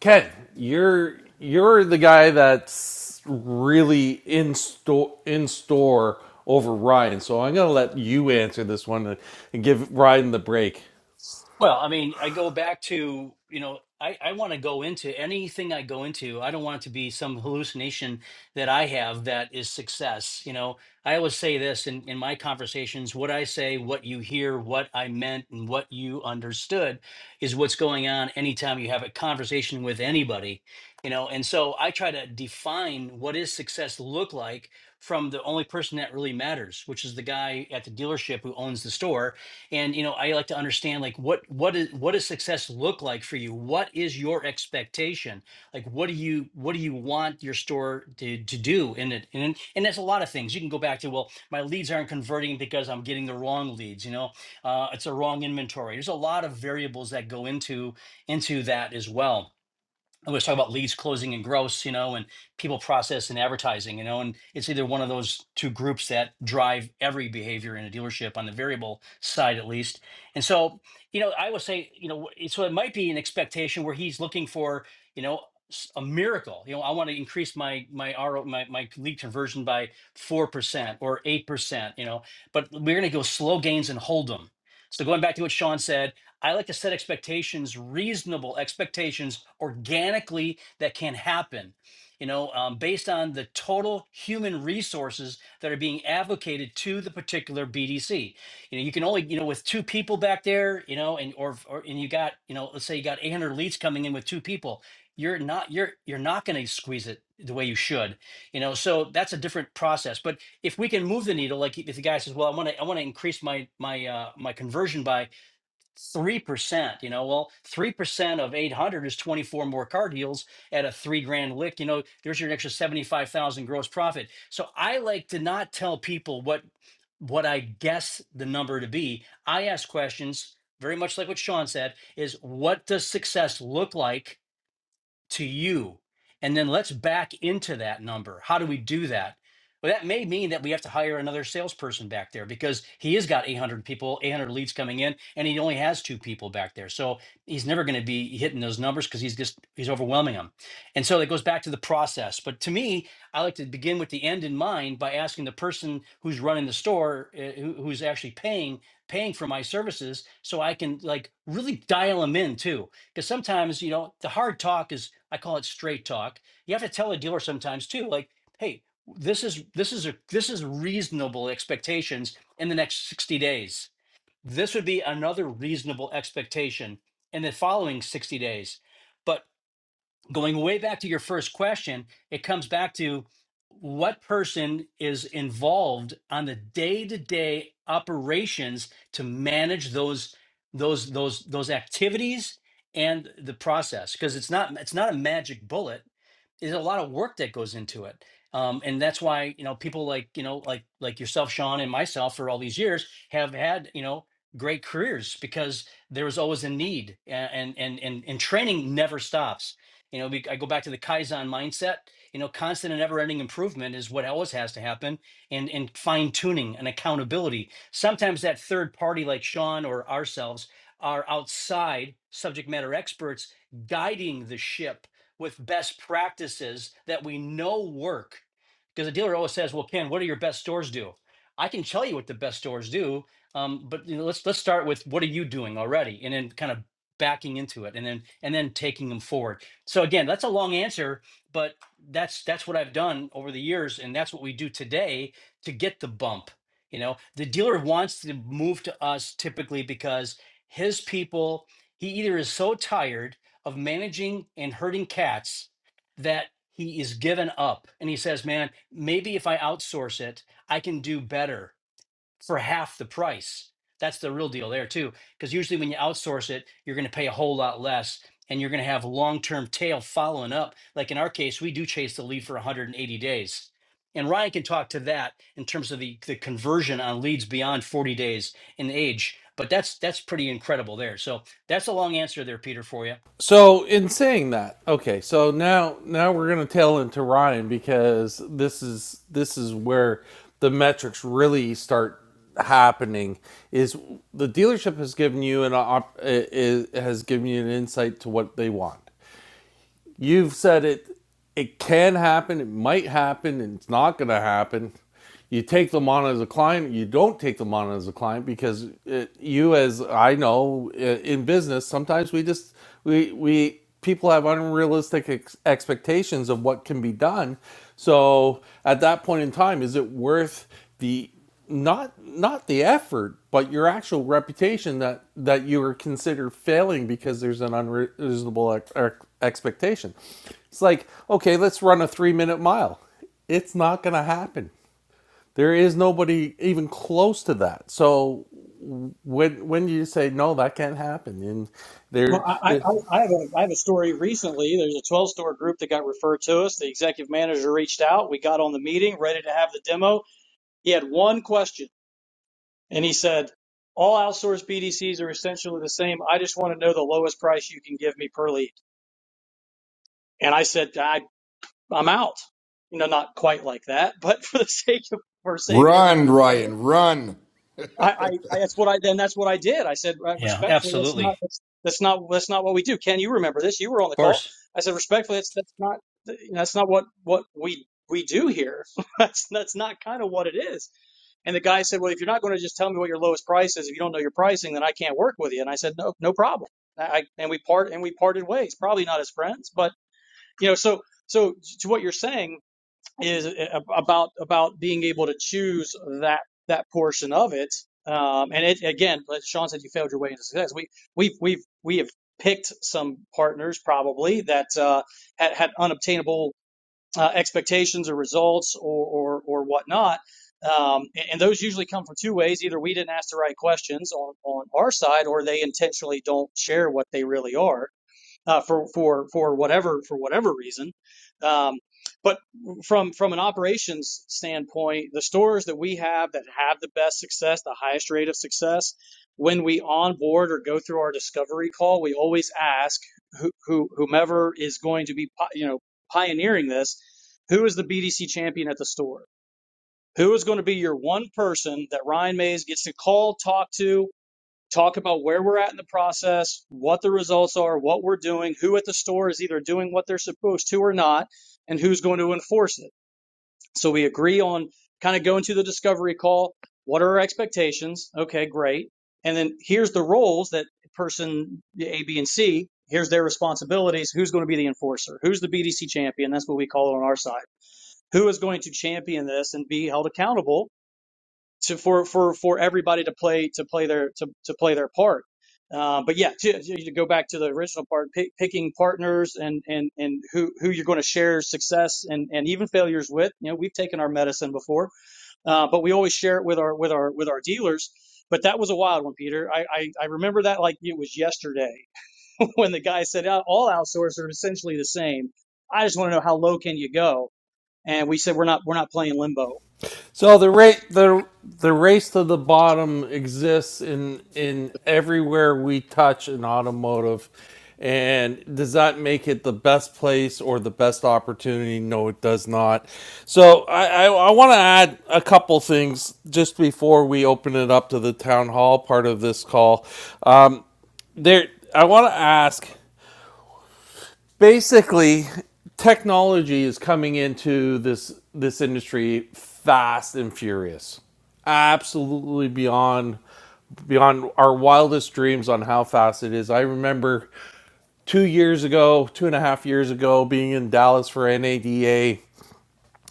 [SPEAKER 2] Ken, you're you're the guy that's really in store in store over Ryan. So I'm gonna let you answer this one and give Ryan the break.
[SPEAKER 4] Well, I mean, I go back to, you know, I, I want to go into anything I go into. I don't want it to be some hallucination that I have that is success. You know, I always say this in, in my conversations what I say, what you hear, what I meant, and what you understood is what's going on anytime you have a conversation with anybody, you know. And so I try to define what is success look like from the only person that really matters, which is the guy at the dealership who owns the store and you know i like to understand like what what is what does success look like for you what is your expectation like what do you what do you want your store to, to do in it and and that's a lot of things you can go back to well my leads aren't converting because i'm getting the wrong leads you know uh, it's a wrong inventory there's a lot of variables that go into into that as well we was talking about leads closing and gross, you know, and people process and advertising, you know, and it's either one of those two groups that drive every behavior in a dealership on the variable side, at least. And so, you know, I would say, you know, wh- so it might be an expectation where he's looking for, you know, s- a miracle. You know, I want to increase my my RO my my lead conversion by four percent or eight percent. You know, but we're going to go slow gains and hold them. So going back to what Sean said, I like to set expectations, reasonable expectations, organically that can happen, you know, um, based on the total human resources that are being advocated to the particular BDC. You know, you can only, you know, with two people back there, you know, and or, or and you got, you know, let's say you got 800 leads coming in with two people. You're not you're you're not going to squeeze it the way you should, you know. So that's a different process. But if we can move the needle, like if the guy says, "Well, I want to I want to increase my my uh, my conversion by three percent. You know, well, three percent of eight hundred is twenty four more car deals at a three grand lick. You know, there's your extra seventy five thousand gross profit. So I like to not tell people what what I guess the number to be. I ask questions very much like what Sean said: is what does success look like? to you. And then let's back into that number. How do we do that? Well, that may mean that we have to hire another salesperson back there because he has got 800 people, 800 leads coming in, and he only has two people back there. So he's never going to be hitting those numbers because he's just, he's overwhelming them. And so that goes back to the process. But to me, I like to begin with the end in mind by asking the person who's running the store, uh, who, who's actually paying, paying for my services so I can like really dial them in too because sometimes you know the hard talk is i call it straight talk you have to tell a dealer sometimes too like hey this is this is a this is reasonable expectations in the next 60 days this would be another reasonable expectation in the following 60 days but going way back to your first question, it comes back to what person is involved on the day-to-day operations to manage those those those those activities and the process because it's not it's not a magic bullet there's a lot of work that goes into it um, and that's why you know people like you know like like yourself sean and myself for all these years have had you know great careers because there was always a need a- and and and, and training never stops you know, we, I go back to the Kaizen mindset. You know, constant and never-ending improvement is what always has to happen, and and fine-tuning and accountability. Sometimes that third party, like Sean or ourselves, are outside subject matter experts guiding the ship with best practices that we know work. Because the dealer always says, "Well, Ken, what do your best stores do?" I can tell you what the best stores do, um, but you know, let's let's start with what are you doing already, and then kind of backing into it, and then and then taking them forward. So again, that's a long answer, but that's that's what I've done over the years, and that's what we do today to get the bump. You know, the dealer wants to move to us typically because his people, he either is so tired of managing and herding cats that he is given up and he says, Man, maybe if I outsource it, I can do better for half the price. That's the real deal there too. Because usually when you outsource it, you're going to pay a whole lot less and you're going to have long-term tail following up. Like in our case, we do chase the lead for 180 days. And Ryan can talk to that in terms of the, the conversion on leads beyond 40 days in age. But that's that's pretty incredible there. So that's a long answer there, Peter, for you.
[SPEAKER 2] So in saying that, okay, so now now we're gonna tail into Ryan because this is this is where the metrics really start happening is the dealership has given you an op- i- has given you an insight to what they want you've said it it can happen, it might happen, and it's not going to happen. You take them on as a client, you don't take them on as a client because it, you, as I know, uh, in business, sometimes we just we we people have unrealistic ex- expectations of what can be done. So at that point in time, is it worth the not not the effort, but your actual reputation that that you are considered failing because there's an unreasonable ex- ex- expectation. It's like, okay, let's run a 3-minute mile. It's not going to happen. There is nobody even close to that. So when when you say no, that can't happen, and
[SPEAKER 5] Well,
[SPEAKER 2] there
[SPEAKER 5] I, I, I have a I have a story recently. There's a 12 store group that got referred to us. The executive manager reached out. We got on the meeting, ready to have the demo. He had one question, and he said, "All outsourced BDCs are essentially the same. I just want to know the lowest price you can give me per lead." And I said, I, "I'm out." You know, not quite like that, *laughs* but for the sake of for saving
[SPEAKER 3] Run,
[SPEAKER 5] everybody. money.
[SPEAKER 3] Ryan, run.
[SPEAKER 5] I, I, I that's what I then that's what I did. I said "Right,
[SPEAKER 4] Yeah,
[SPEAKER 5] respectfully, that's not
[SPEAKER 4] absolutely.
[SPEAKER 5] that's, that's not that's not what we do. Ken, you remember this? You were on
[SPEAKER 4] Of
[SPEAKER 5] the call.
[SPEAKER 4] course.
[SPEAKER 5] I said respectfully, that's that's not you know, that's not what what we we do here. *laughs* that's that's not kind of what it is. And the guy said, well, if you're not going to just tell me what your lowest price is, if you don't know your pricing, then I can't work with you. And I said, no, no problem. I, I and we part and we parted ways. Probably not as friends, but you know, so so to what you're saying is about about being able to choose that that portion of it. Um, and it again, like Sean said, you failed your way into success. We we've we've we have picked some partners probably that uh, had had unobtainable uh, expectations or results or or, or whatnot. Um, and those usually come from two ways: either we didn't ask the right questions on on our side, or they intentionally don't share what they really are uh, for for for whatever for whatever reason. Um, but from from an operations standpoint, the stores that we have that have the best success, the highest rate of success, when we onboard or go through our discovery call, we always ask who, who whomever is going to be you know pioneering this, who is the BDC champion at the store? Who is going to be your one person that Ryan Mays gets to call, talk to, talk about where we're at in the process, what the results are, what we're doing, who at the store is either doing what they're supposed to or not, and who's going to enforce it. So we agree on kind of going to the discovery call. What are our expectations? Okay, great. And then here's the roles that person A, B, and C, here's their responsibilities. Who's going to be the enforcer? Who's the BDC champion? That's what we call it on our side. Who is going to champion this and be held accountable to for for for everybody to play to play their to, to play their part. Uh, but yeah, to, to go back to the original part, pick, picking partners and and and who who you're going to share success and and even failures with. You know, we've taken our medicine before, uh, but we always share it with our with our with our dealers. But that was a wild one, Peter. I, I, I remember that like it was yesterday *laughs* when the guy said "Uh, all outsourcers are essentially the same. I just want to know how low can you go? And we said we're not we're not playing limbo.
[SPEAKER 2] So the rate the the race to the bottom exists in in everywhere we touch in automotive. And does that make it the best place or the best opportunity? No, it does not. So I, I, I want to add a couple things just before we open it up to the town hall part of this call. Uh, there, I want to ask basically technology is coming into this this industry fast and furious absolutely beyond beyond our wildest dreams on how fast it is i remember two years ago two and a half years ago being in dallas for nada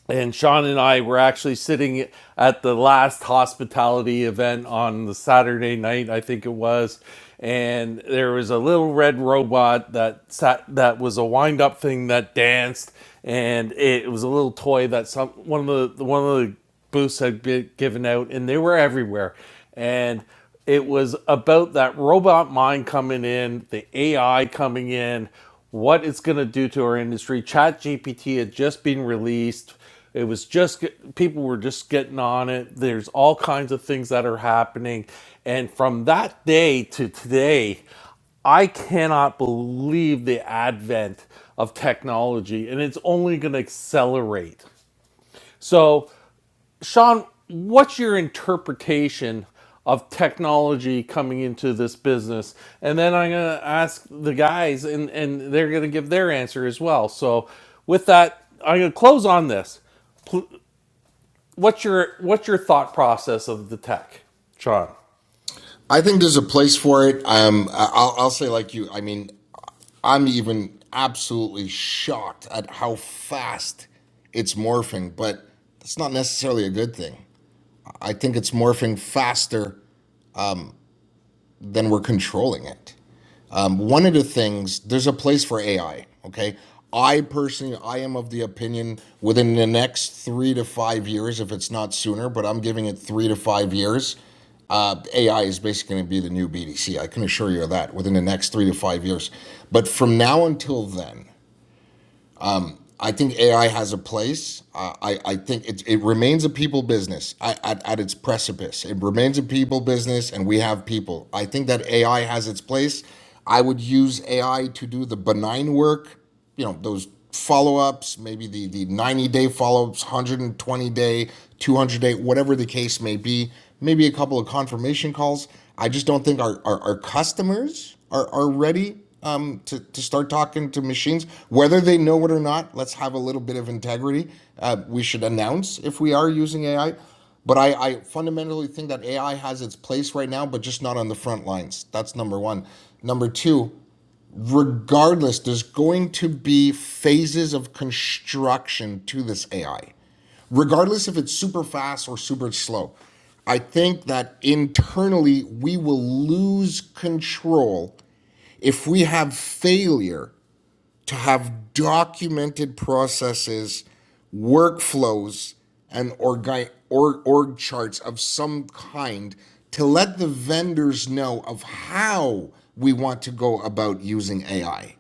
[SPEAKER 2] and Sean and I were actually sitting at the last hospitality event on the Saturday night, I think it was, and there was a little red robot that sat that was a wind up thing that danced, and it was a little toy that some one of the one of the booths had been given out, and they were everywhere. And it was about that robot mind coming in, the AI coming in, what it's going to do to our industry. Chat GPT had just been released. It was just people were just getting on it. There's all kinds of things that are happening, and from that day to today, I cannot believe the advent of technology, and it's only going to accelerate. So Sean, what's your interpretation of technology coming into this business? And then I'm going to ask the guys, and, and they're going to give their answer as well. So, with that, I'm going to close on this. Pl- What's your what's your thought process of the tech, Sean?
[SPEAKER 3] I think there's a place for it. Um, I- I'll, I'll say like you. I mean, I'm even absolutely shocked at how fast it's morphing, but that's not necessarily a good thing. I think it's morphing faster than we're controlling it. Um, one of the things, there's a place for AI, okay? I personally, I am of the opinion within the next three to five years, if it's not sooner, but I'm giving it three to five years, uh, AI is basically going to be the new BDC. I can assure you of that within the next three to five years. But from now until then, I think AI has a place. I, I, I think it, it remains a people business at, at, at its precipice. It remains a people business, and we have people. I think that AI has its place. I would use AI to do the benign work, you know, those follow ups, maybe the, the 90 day follow ups, 120 day, 200 day, whatever the case may be, maybe a couple of confirmation calls. I just don't think our, our, our customers are, are ready um, to, to start talking to machines, whether they know it or not. Let's have a little bit of integrity. Uh, we should announce if we are using AI. But I, I fundamentally think that AI has its place right now, but just not on the front lines. That's number one. Number two, regardless, there's going to be phases of construction to this AI, regardless if it's super fast or super slow. I think that internally we will lose control if we have failure to have documented processes, workflows, and org or, org charts of some kind to let the vendors know of how we want to go about using AI.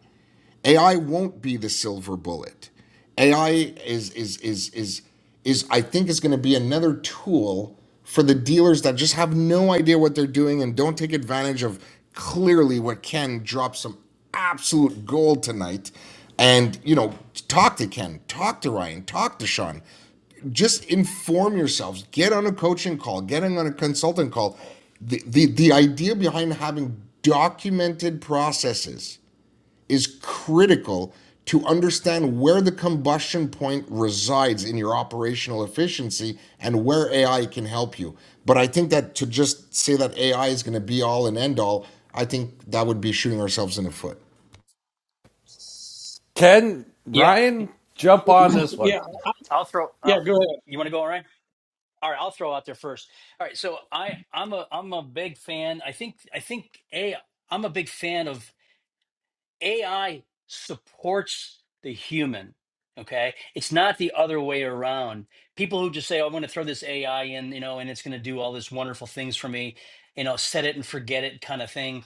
[SPEAKER 3] AI won't be the silver bullet. AI is is is is is I think is going to be another tool for the dealers that just have no idea what they're doing and don't take advantage of clearly what Ken dropped some absolute gold tonight. And you know, talk to Ken, talk to Ryan, talk to Sean. Just inform yourselves. Get on a coaching call. Get on a consultant call. The, the, the idea behind having documented processes is critical to understand where the combustion point resides in your operational efficiency and where AI can help you. But I think that to just say that AI is going to be all and end all, I think that would be shooting ourselves in the foot.
[SPEAKER 2] Ken,
[SPEAKER 4] Yeah.
[SPEAKER 2] Ryan, jump on this one.
[SPEAKER 5] Yeah,
[SPEAKER 4] I'll throw uh,
[SPEAKER 5] yeah, go ahead.
[SPEAKER 4] you want to go, Ryan? All right, I'll throw out there first. All right, so I I'm a I'm a big fan. I think I think a I'm a big fan of AI supports the human. Okay, it's not the other way around. People who just say, "Oh, "I'm going to throw this AI in," you know, and it's going to do all this wonderful things for me, you know, set it and forget it kind of thing.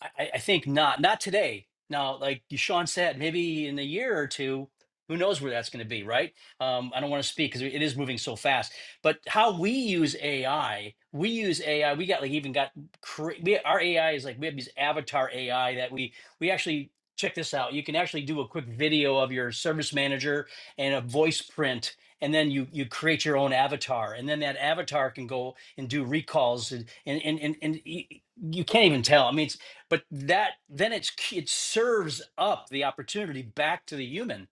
[SPEAKER 4] I, I I think not. Not today. Now, like Deshaun said, maybe in a year or two, who knows where that's going to be, right? Um, I don't want to speak because it is moving so fast. But how we use AI, we use AI. We got like even got cra- we, our AI is like we have these avatar AI that we we actually check this out. You can actually do a quick video of your service manager and a voice print. And then you you create your own avatar, and then that avatar can go and do recalls, and and and, and, and y- you can't even tell. I mean, it's but that then it's it serves up the opportunity back to the human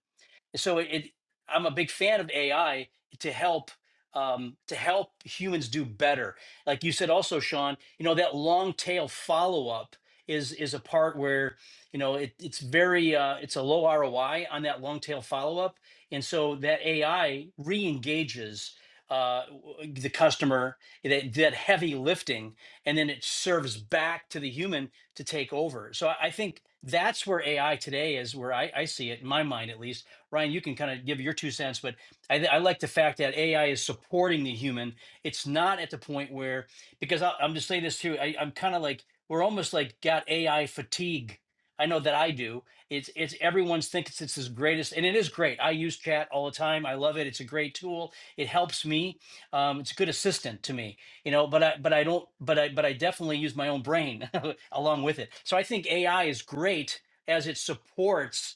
[SPEAKER 4] so it, it- i'm a big fan of ai to help um, to help humans do better like you said also sean you know that long tail follow-up is is a part where you know it, it's very uh, it's a low roi on that long tail follow-up and so that ai re-engages uh, w- the customer that, that heavy lifting and then it serves back to the human to take over so i, I think that's where ai today is where I, I see it in my mind at least Ryan, you can kind of give your two cents, but I, I like the fact that AI is supporting the human. It's not at the point where, because I, I'm just saying this too, I, I'm kind of like, we're almost like got AI fatigue. I know that I do. It's it's everyone thinks it's his greatest, and it is great. I use chat all the time. I love it. It's a great tool. It helps me. Um, it's a good assistant to me, you know. But I but I don't. But I but I definitely use my own brain *laughs* along with it. So I think AI is great as it supports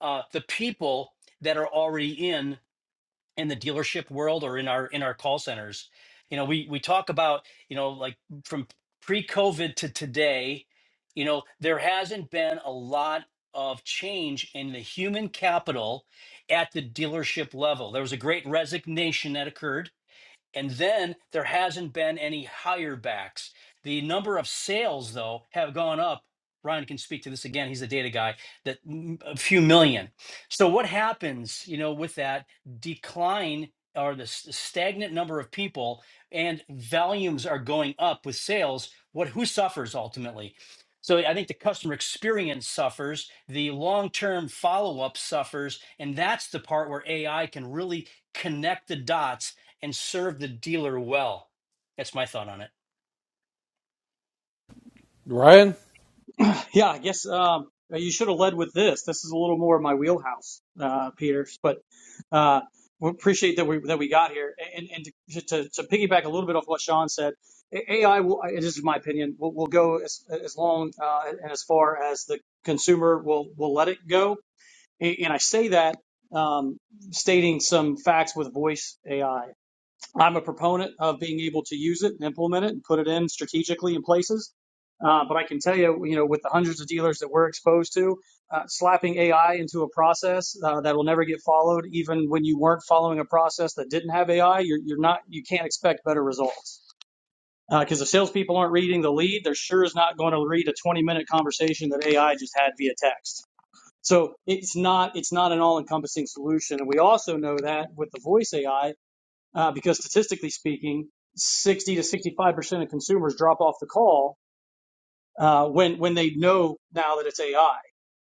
[SPEAKER 4] uh, the people that are already in in the dealership world or in our in our call centers you know we we talk about you know like from pre-covid to today you know there hasn't been a lot of change in the human capital at the dealership level there was a great resignation that occurred and then there hasn't been any hire backs. The number of sales, though, have gone up. Ryan can speak to this again. He's the data guy. That mm, a few million. So what happens, you know, with that decline or the s- stagnant number of people and volumes are going up with sales? What who suffers ultimately? So I think the customer experience suffers, the long-term follow-up suffers, and that's the part where AI can really connect the dots and serve the dealer well. That's my thought on it.
[SPEAKER 2] Ryan.
[SPEAKER 5] Yeah, I guess um, you should have led with this. This is a little more of my wheelhouse, uh, Peters. But uh, we appreciate that we that we got here. And and to, to, to piggyback a little bit off what Sean said, AI will. This is my opinion. Will, will go as as long uh, and as far as the consumer will will let it go. And I say that um, stating some facts with voice AI. I'm a proponent of being able to use it and implement it and put it in strategically in places. Uh, but I can tell you, you know, with the hundreds of dealers that we're exposed to, uh, slapping AI into a process uh, that will never get followed, even when you weren't following a process that didn't have AI, you're, you're not, you can't expect better results. Because uh, if salespeople aren't reading the lead, they're sure is not going to read a 20 minute conversation that AI just had via text. So it's not, it's not an all encompassing solution. And we also know that with the voice AI, uh, because statistically speaking, 60 to 65 percent of consumers drop off the call uh, when when they know now that it's AI.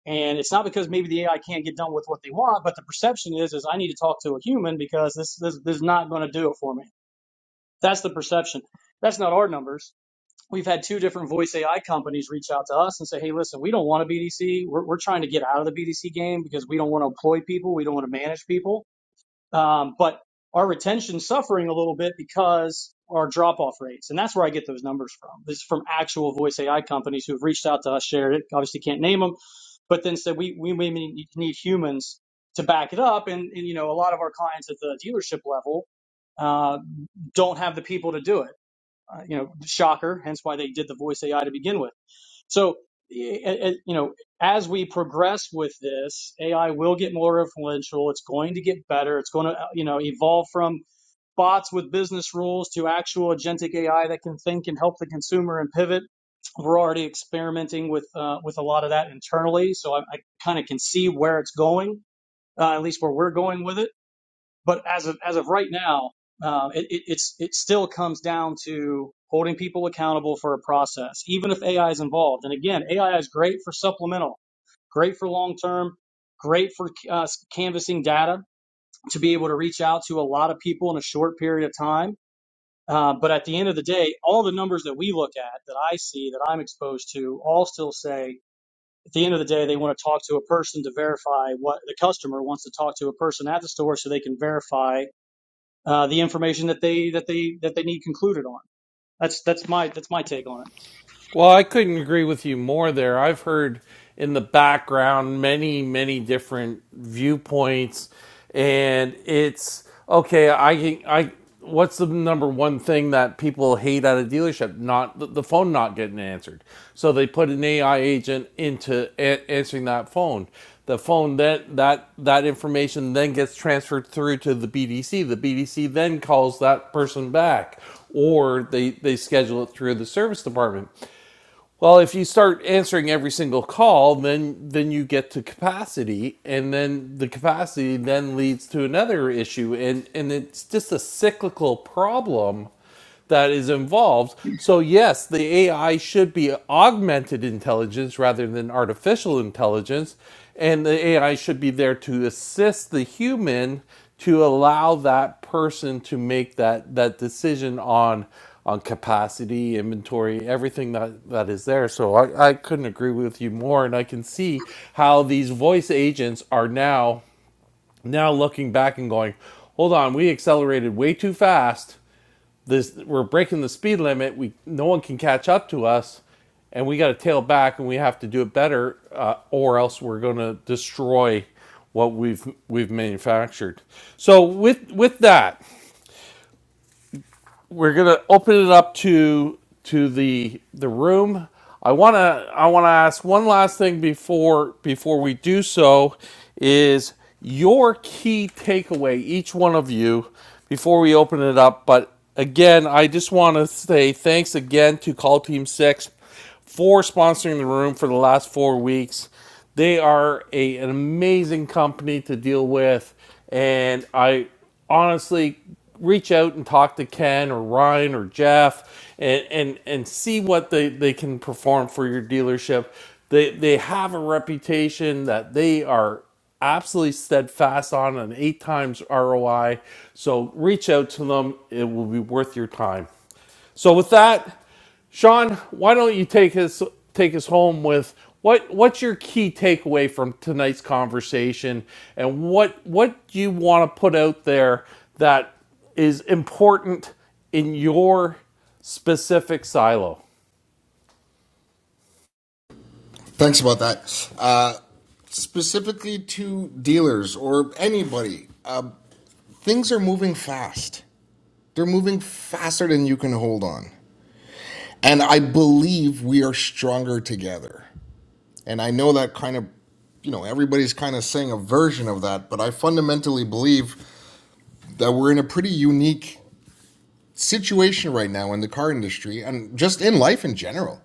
[SPEAKER 5] And it's not because maybe the AI can't get done with what they want, but the perception is is I need to talk to a human because this this, this is not going to do it for me. That's the perception. That's not our numbers. We've had two different voice AI companies reach out to us and say, "Hey, listen, we don't want a BDC. We're, we're trying to get out of the BDC game because we don't want to employ people. We don't want to manage people um, but our retention's suffering a little bit because our drop off rates. And that's where I get those numbers from. This is from actual voice AI companies who've reached out to us, shared it, obviously can't name them, but then said we, we may need humans to back it up. And, and, you know, a lot of our clients at the dealership level, uh, don't have the people to do it. Uh, you know, shocker, hence why they did the voice AI to begin with so, eh, eh, eh, you know, as we progress with this, AI will get more influential. It's going to get better. It's going to, uh, you know, evolve from bots with business rules to actual agentic AI that can think and help the consumer and pivot. We're already experimenting with uh, with a lot of that internally, so I, I kind of can see where it's going, uh, at least where we're going with it but as of as of right now, uh, it, it it's it still comes down to holding people accountable for a process, even if AI is involved. And again, AI is great for supplemental, great for long term, great for uh, canvassing data to be able to reach out to a lot of people in a short period of time. Uh, but at the end of the day, all the numbers that we look at, that I see, that I'm exposed to, all still say at the end of the day, they want to talk to a person to verify what the customer wants to talk to a person at the store so they can verify uh, the information that they that they that they need concluded on. That's that's my that's my take on
[SPEAKER 2] Well, I couldn't agree with you more there. I've heard in the background many, many different viewpoints, and it's okay. I I what's the number one thing that people hate at a dealership? Not the, the phone not getting answered. So they put an AI agent into a- answering that phone. The phone that that that information then gets transferred through to the BDC. The BDC then calls that person back or they, they schedule it through the service department. Well, if you start answering every single call, then then you get to capacity, and then the capacity then leads to another issue, and and it's just a cyclical problem that is involved. So, yes, the AI should be augmented intelligence rather than artificial intelligence. And the AI should be there to assist the human to allow that person to make that, that decision on on capacity, inventory, everything that, that is there. So I, I couldn't agree with you more. And I can see how these voice agents are now now looking back and going, hold on, we accelerated way too fast this we're breaking the speed limit. We no one can catch up to us, and we got to tail back, and we have to do it better, uh, or else we're going to destroy what we've we've manufactured. So with with that, we're gonna open it up to to the the room. I wanna I wanna ask one last thing before before we do so is your key takeaway, each one of you, before we open it up. But again, I just wanna say thanks again to Call Team Six for sponsoring the room for the last four weeks. They are a, an amazing company to deal with, and I honestly reach out and talk to Ken or Ryan or Jeff and and, and see what they, they can perform for your dealership. They, they have a reputation that they are absolutely steadfast on an eight times ROI. So reach out to them. It will be worth your time. So with that, Sean, why don't you take us take us home with what what's your key takeaway from tonight's conversation and what what do you want to put out there that is important in your specific silo?
[SPEAKER 3] Thanks about that. Uh, specifically to dealers or anybody, uh, things are moving fast. They're moving faster than you can hold on. And I believe we are stronger together. And I know that kind of, you know, everybody's kind of saying a version of that, but I fundamentally believe that we're in a pretty unique situation right now in the car industry and just in life in general.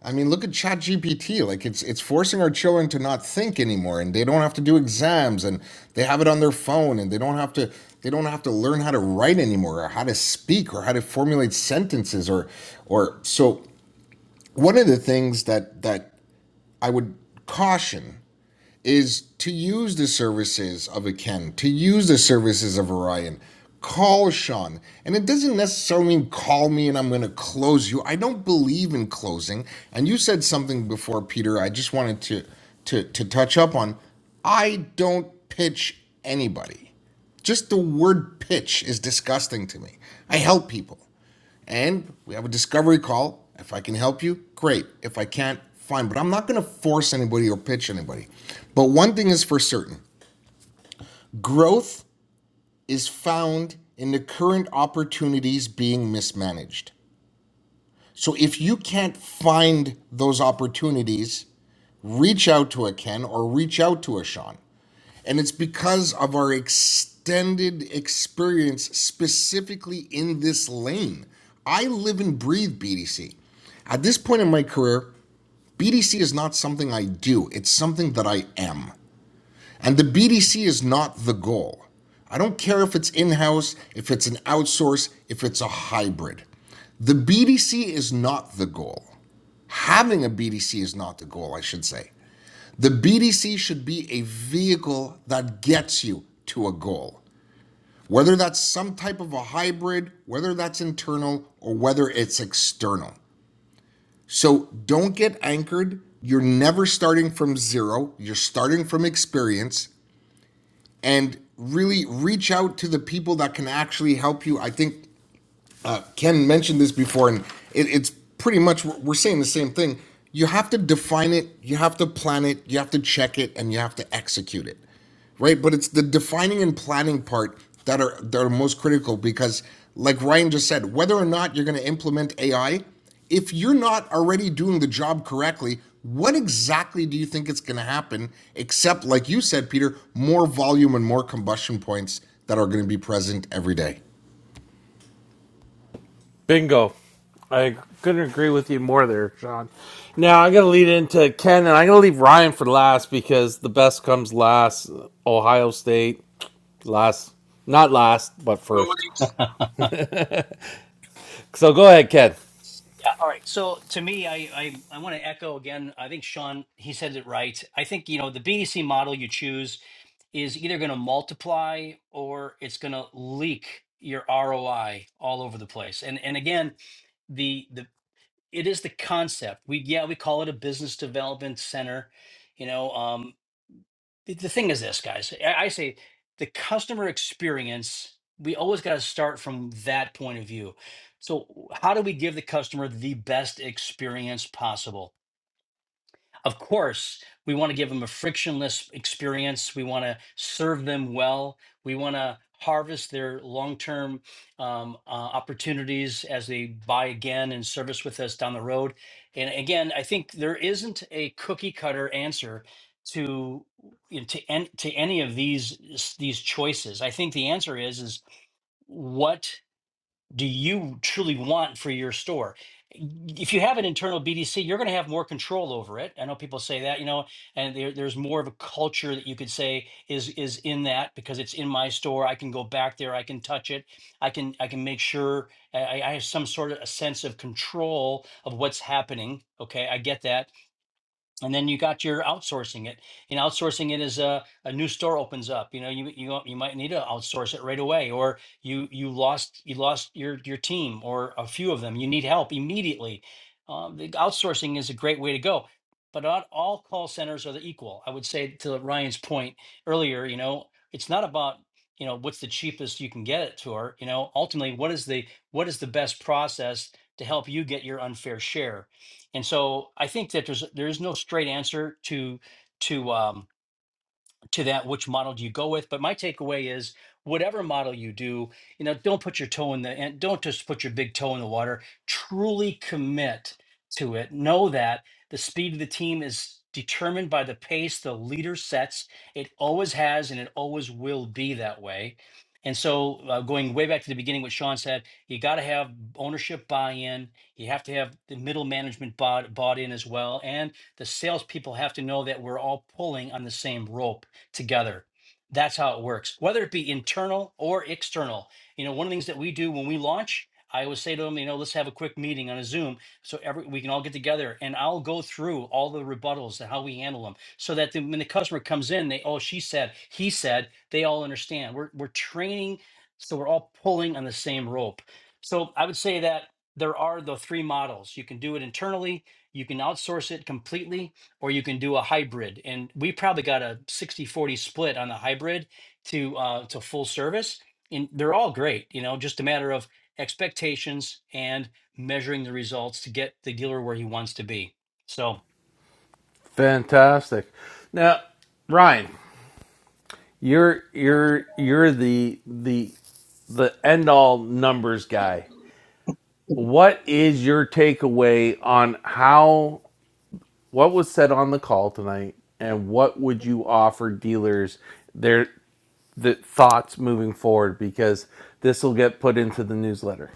[SPEAKER 3] I mean, look at ChatGPT. Like it's it's forcing our children to not think anymore, and they don't have to do exams, and they have it on their phone, and they don't have to they don't have to learn how to write anymore, or how to speak, or how to formulate sentences, or or so. One of the things that that I would caution is to use the services of a Ken, to use the services of Orion. Call Sean. And it doesn't necessarily mean call me and I'm going to close you. I don't believe in closing. And you said something before, Peter, I just wanted to, to, to touch up on. I don't pitch anybody. Just the word pitch is disgusting to me. I help people. And we have a discovery call. If I can help you, great. If I can't, fine. But I'm not going to force anybody or pitch anybody. But one thing is for certain growth is found in the current opportunities being mismanaged. So if you can't find those opportunities, reach out to a Ken or reach out to a Sean. And it's because of our extended experience specifically in this lane. I live and breathe BDC. At this point in my career, BDC is not something I do, it's something that I am. And the BDC is not the goal. I don't care if it's in house, if it's an outsource, if it's a hybrid. The BDC is not the goal. Having a BDC is not the goal, I should say. The BDC should be a vehicle that gets you to a goal, whether that's some type of a hybrid, whether that's internal, or whether it's external. So don't get anchored. You're never starting from zero, you're starting from experience and really reach out to the people that can actually help you. I think uh, Ken mentioned this before, and it, it's pretty much we're saying the same thing. You have to define it, you have to plan it, you have to check it, and you have to execute it, right? But it's the defining and planning part that are that are most critical because, like Ryan just said, whether or not you're going to implement AI, if you're not already doing the job correctly, what exactly do you think it's going to happen? Except, like you said, Peter, more volume and more combustion points that are going to be present every day.
[SPEAKER 2] Bingo. I couldn't agree with you more there, Sean. Now I'm gonna lead into Ken and I'm gonna leave Ryan for last because the best comes last. Ohio State, last not last, but first.
[SPEAKER 4] *laughs*
[SPEAKER 2] So go ahead, Ken.
[SPEAKER 4] Yeah. All right. So to me, I I, I want to echo again. I think Sean he said it right. I think you know the BDC model you choose is either going to multiply or it's going to leak your ROI all over the place. And and again, the the it is the concept. We yeah we call it a business development center. You know, um, the, the thing is this, guys. I, I say the customer experience, we always got to start from that point of view. So, how do we give the customer the best experience possible? of course, we want to give them a frictionless experience. We want to serve them well. We want to harvest their long term um, uh, opportunities as they buy again and service with us down the road. And again, I think there isn't a cookie cutter answer to you know, to en- to any of these these choices. I think the answer is is what do you truly want for your store? If you have an internal BDC, you're going to have more control over it. I know people say that, you know, and there, there's more of a culture that you could say is is in that because it's in my store. I can go back there, I can touch it, I can I can make sure I, I have some sort of a sense of control of what's happening. Okay, I get that and then you got your outsourcing it and outsourcing it as a, a new store opens up you know you, you you might need to outsource it right away or you you lost you lost your your team or a few of them you need help immediately um, the outsourcing is a great way to go but not all call centers are the equal i would say to ryan's point earlier you know it's not about you know what's the cheapest you can get it to or you know ultimately what is the what is the best process to help you get your unfair share and so I think that there's there is no straight answer to to um, to that which model do you go with but my takeaway is whatever model you do you know don't put your toe in the and don't just put your big toe in the water truly commit to it know that the speed of the team is determined by the pace the leader sets it always has and it always will be that way and so uh, going way back to the beginning what sean said you got to have ownership buy-in you have to have the middle management bought, bought in as well and the salespeople have to know that we're all pulling on the same rope together. That's how it works, whether it be internal or external. You know, one of the things that we do when we launch, I always say to them, you know, let's have a quick meeting on a Zoom so every we can all get together and I'll go through all the rebuttals and how we handle them so that the, when the customer comes in, they, oh, she said, he said, they all understand. We're, we're training, so we're all pulling on the same rope. So I would say that there are the three models. You can do it internally, you can outsource it completely, or you can do a hybrid. And we probably got a 60 40 split on the hybrid to uh, to full service. And they're all great, you know, just a matter of expectations and measuring the results to get the dealer where he wants to be. So,
[SPEAKER 2] Fantastic. Now, Ryan, you're you're you're the the the end all numbers guy. What is your takeaway on how what was said on the call tonight and what would you offer dealers their the thoughts moving forward because this will get put into the newsletter.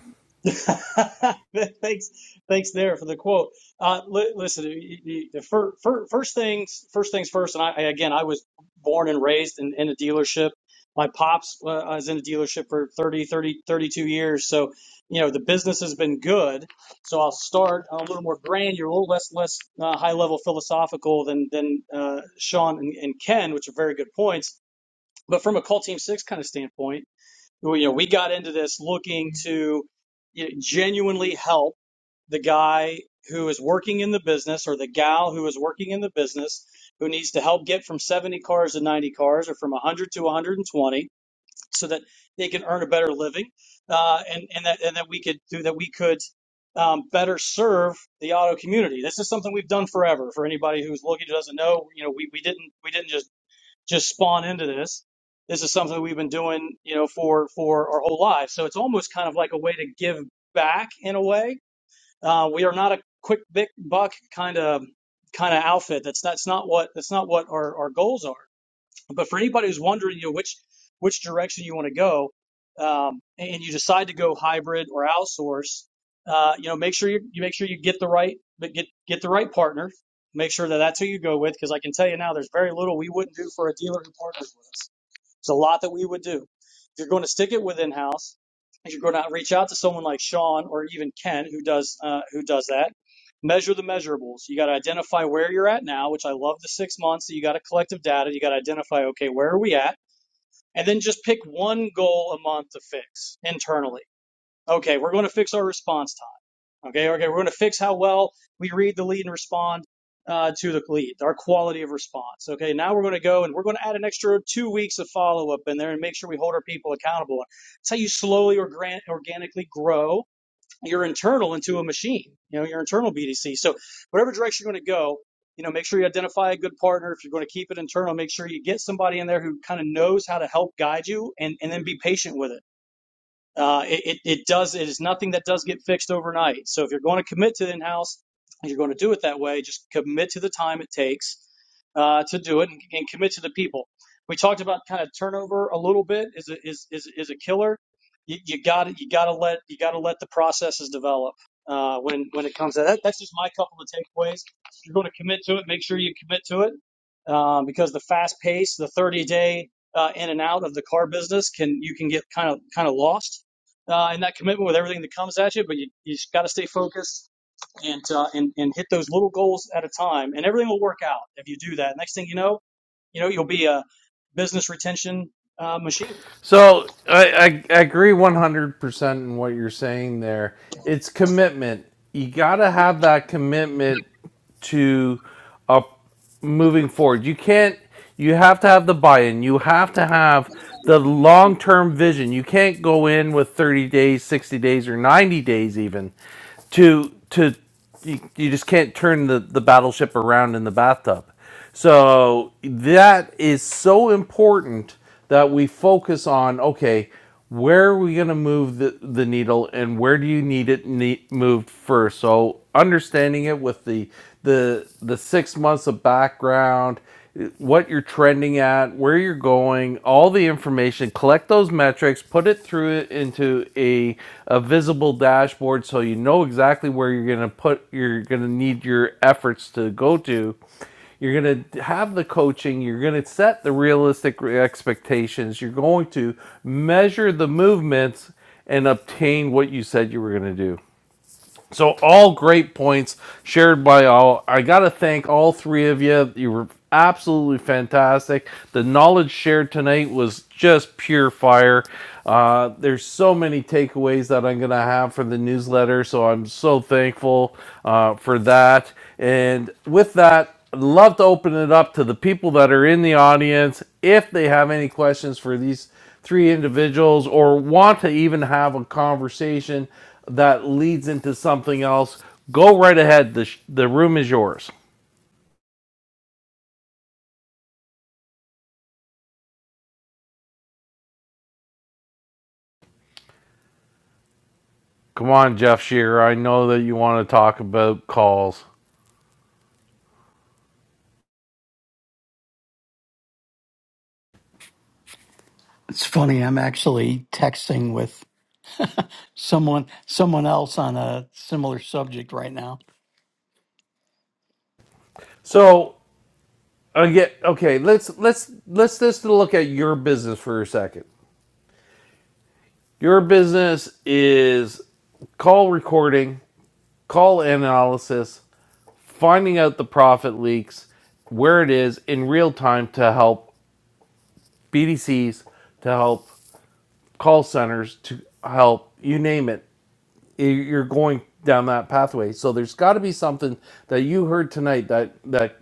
[SPEAKER 5] it. *laughs* thanks, thanks there for the quote. Uh, li- listen, the, the, fir- fir- first things first things first, and I, I again I was born and raised in, in a dealership. My pops uh, was in a dealership for 30 30 32 years, so you know the business has been good. So I'll start a little more granular, a little less less uh, high level philosophical than than uh, Sean and, and Ken, which are very good points But from a cult team six kind of standpoint, well, you know, we got into this looking to you know, genuinely help the guy who is working in the business or the gal who is working in the business who needs to help get from 70 cars to 90 cars or from 100 to 120 so that they can earn a better living uh, and, and that and that we could do that we could um, better serve the auto community this is something we've done forever for anybody who's looking who doesn't know you know we, we didn't we didn't just just spawn into this. This is something we've been doing, you know, for for our whole lives. So it's almost kind of like a way to give back in a way. Uh, we are not a quick big buck kind of kind of outfit. That's that's not what that's not what our, our goals are. But for anybody who's wondering, you know, which which direction you want to go, um, and you decide to go hybrid or outsource, uh, you know, make sure you, you make sure you get the right but get get the right partner. Make sure that that's who you go with, because I can tell you now, there's very little we wouldn't do for a dealer who partners with us. There's a lot that we would do. If you're going to stick it with in-house, if you're going to reach out to someone like Sean or even Ken, who does uh, who does that, measure the measurables. You got to identify where you're at now, which I love the six months. that You got to collective data. You got to identify, okay, where are we at, and then just pick one goal a month to fix internally. Okay, we're going to fix our response time. Okay, okay, we're going to fix how well we read the lead and respond uh, to the lead, our quality of response. Okay, now we're going to go and we're going to add an extra two weeks of follow up in there and make sure we hold our people accountable. That's how you slowly or organ- organically grow your internal into a machine, you know, your internal BDC. So, whatever direction you're going to go, you know, make sure you identify a good partner. If you're going to keep it internal, make sure you get somebody in there who kind of knows how to help guide you and, and then be patient with it uh, it, it, does, it is nothing that does get fixed overnight. So if you're going to commit to in-house and you're going to do it that way, just commit to the time it takes uh, to do it and, and commit to the people. We talked about kind of turnover a little bit is a, is, is, is a killer. You, you got to You got to let you got to let the processes develop uh, when when it comes to that. That's just my couple of takeaways. If you're going to commit to it, make sure you commit to it um, because the fast pace, the 30 day uh, in and out of the car business can you can get kind of kind of lost uh, and that commitment with everything that comes at you. But you you just got to stay focused and uh, and and hit those little goals at a time, and everything will work out if you do that. Next thing you know, you know you'll be a business retention uh, machine.
[SPEAKER 2] So I, I, I agree 100% in what you're saying there. It's commitment. You got to have that commitment to uh, moving forward. You can't, you have to have the buy in. You have to have the long term vision. You can't go in with 30 days, 60 days, or 90 days even to to you, you just can't turn the the battleship around in the bathtub so that is so important that we focus on okay where are we going to move the, the needle and where do you need it ne- moved first so understanding it with the the the six months of background what you're trending at, where you're going, all the information, collect those metrics, put it through it into a, a visible dashboard so you know exactly where you're going to put you're going to need your efforts to go to. You're going to have the coaching, you're going to set the realistic expectations, you're going to measure the movements and obtain what you said you were going to do. So all great points shared by all. I got to thank all three of you. You were absolutely fantastic. The knowledge shared tonight was just pure fire. Uh, there's so many takeaways that I'm gonna have for the newsletter, so I'm so thankful uh, for that. And with that, I'd love to open it up to the people that are in the audience if they have any questions for these three individuals or want to even have a conversation that leads into something else, go right ahead. The, sh- the room is yours. Come on, Jeff Shearer. I know that you want to talk about calls.
[SPEAKER 6] It's funny, I'm actually texting with someone someone else on a similar subject right now.
[SPEAKER 2] So again, okay, let's let's let's just look at your business for a second. Your business is call recording, call analysis, finding out the profit leaks, where it is in real time to help BDCs, to help call centers to help you name it you're going down that pathway so there's got to be something that you heard tonight that that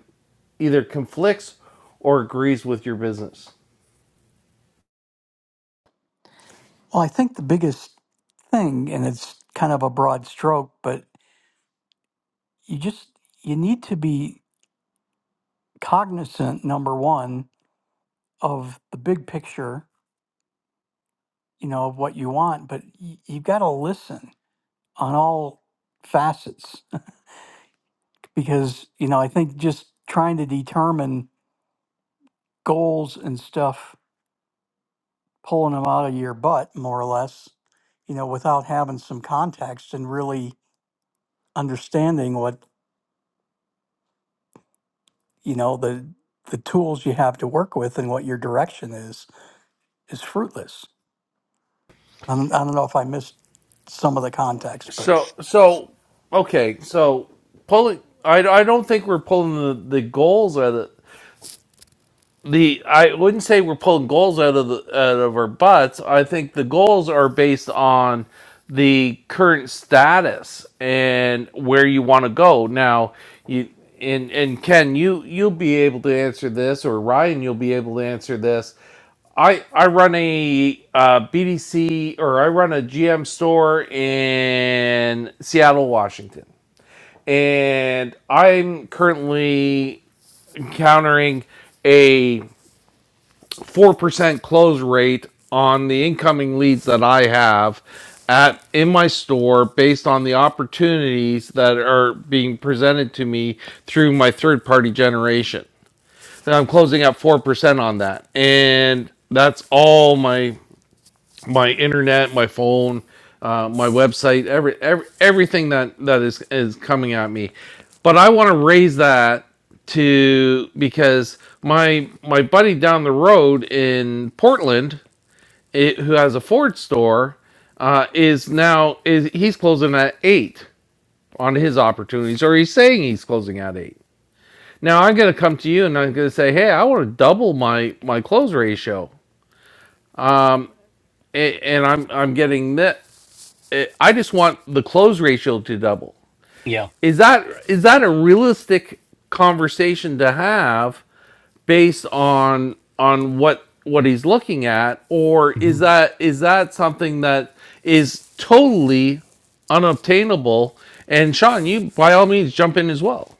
[SPEAKER 2] either conflicts or agrees with your business
[SPEAKER 6] Well, I think the biggest thing and it's kind of a broad stroke, but you just you need to be cognizant number 1 of the big picture, you know, of what you want, but you, have got to listen on all facets *laughs* because, you know, I think just trying to determine goals and stuff pulling them out of your butt, more or less, you know, without having some context and really understanding what, you know, the the tools you have to work with and what your direction is is fruitless. I don't, I don't know if I missed some of the context, but
[SPEAKER 2] so so okay so pulling i, I don't think we're pulling the, the goals out of the I wouldn't say we're pulling goals out of the out of our butts. I think the goals are based on the current status and where you want to go. Now, you and and Ken, you you'll be able to answer this, or Ryan, you'll be able to answer this. I I run a uh, BDC or I run a GM store in Seattle, Washington, and I'm currently encountering a 4% close rate on the incoming leads that I have at in my store based on the opportunities that are being presented to me through my third party generation. And I'm closing at 4% on that. And that's all my my internet, my phone, uh, my website, every, every everything that that is is coming at me. But I want to raise that to because my my buddy down the road in Portland, it, who has a Ford store, uh, is now is he's closing at eight on his opportunities, or he's saying he's closing at eight. Now I'm gonna come to you and I'm gonna say, hey, I want to double my my close ratio, and I'm I'm getting that eh, I just want the close ratio to double.
[SPEAKER 4] yeah.
[SPEAKER 2] Is that is that a realistic conversation to have based on on what what he's looking at, or
[SPEAKER 4] Mhm.
[SPEAKER 2] is that is that something that is totally unobtainable? And Sean, you by all means jump in as well.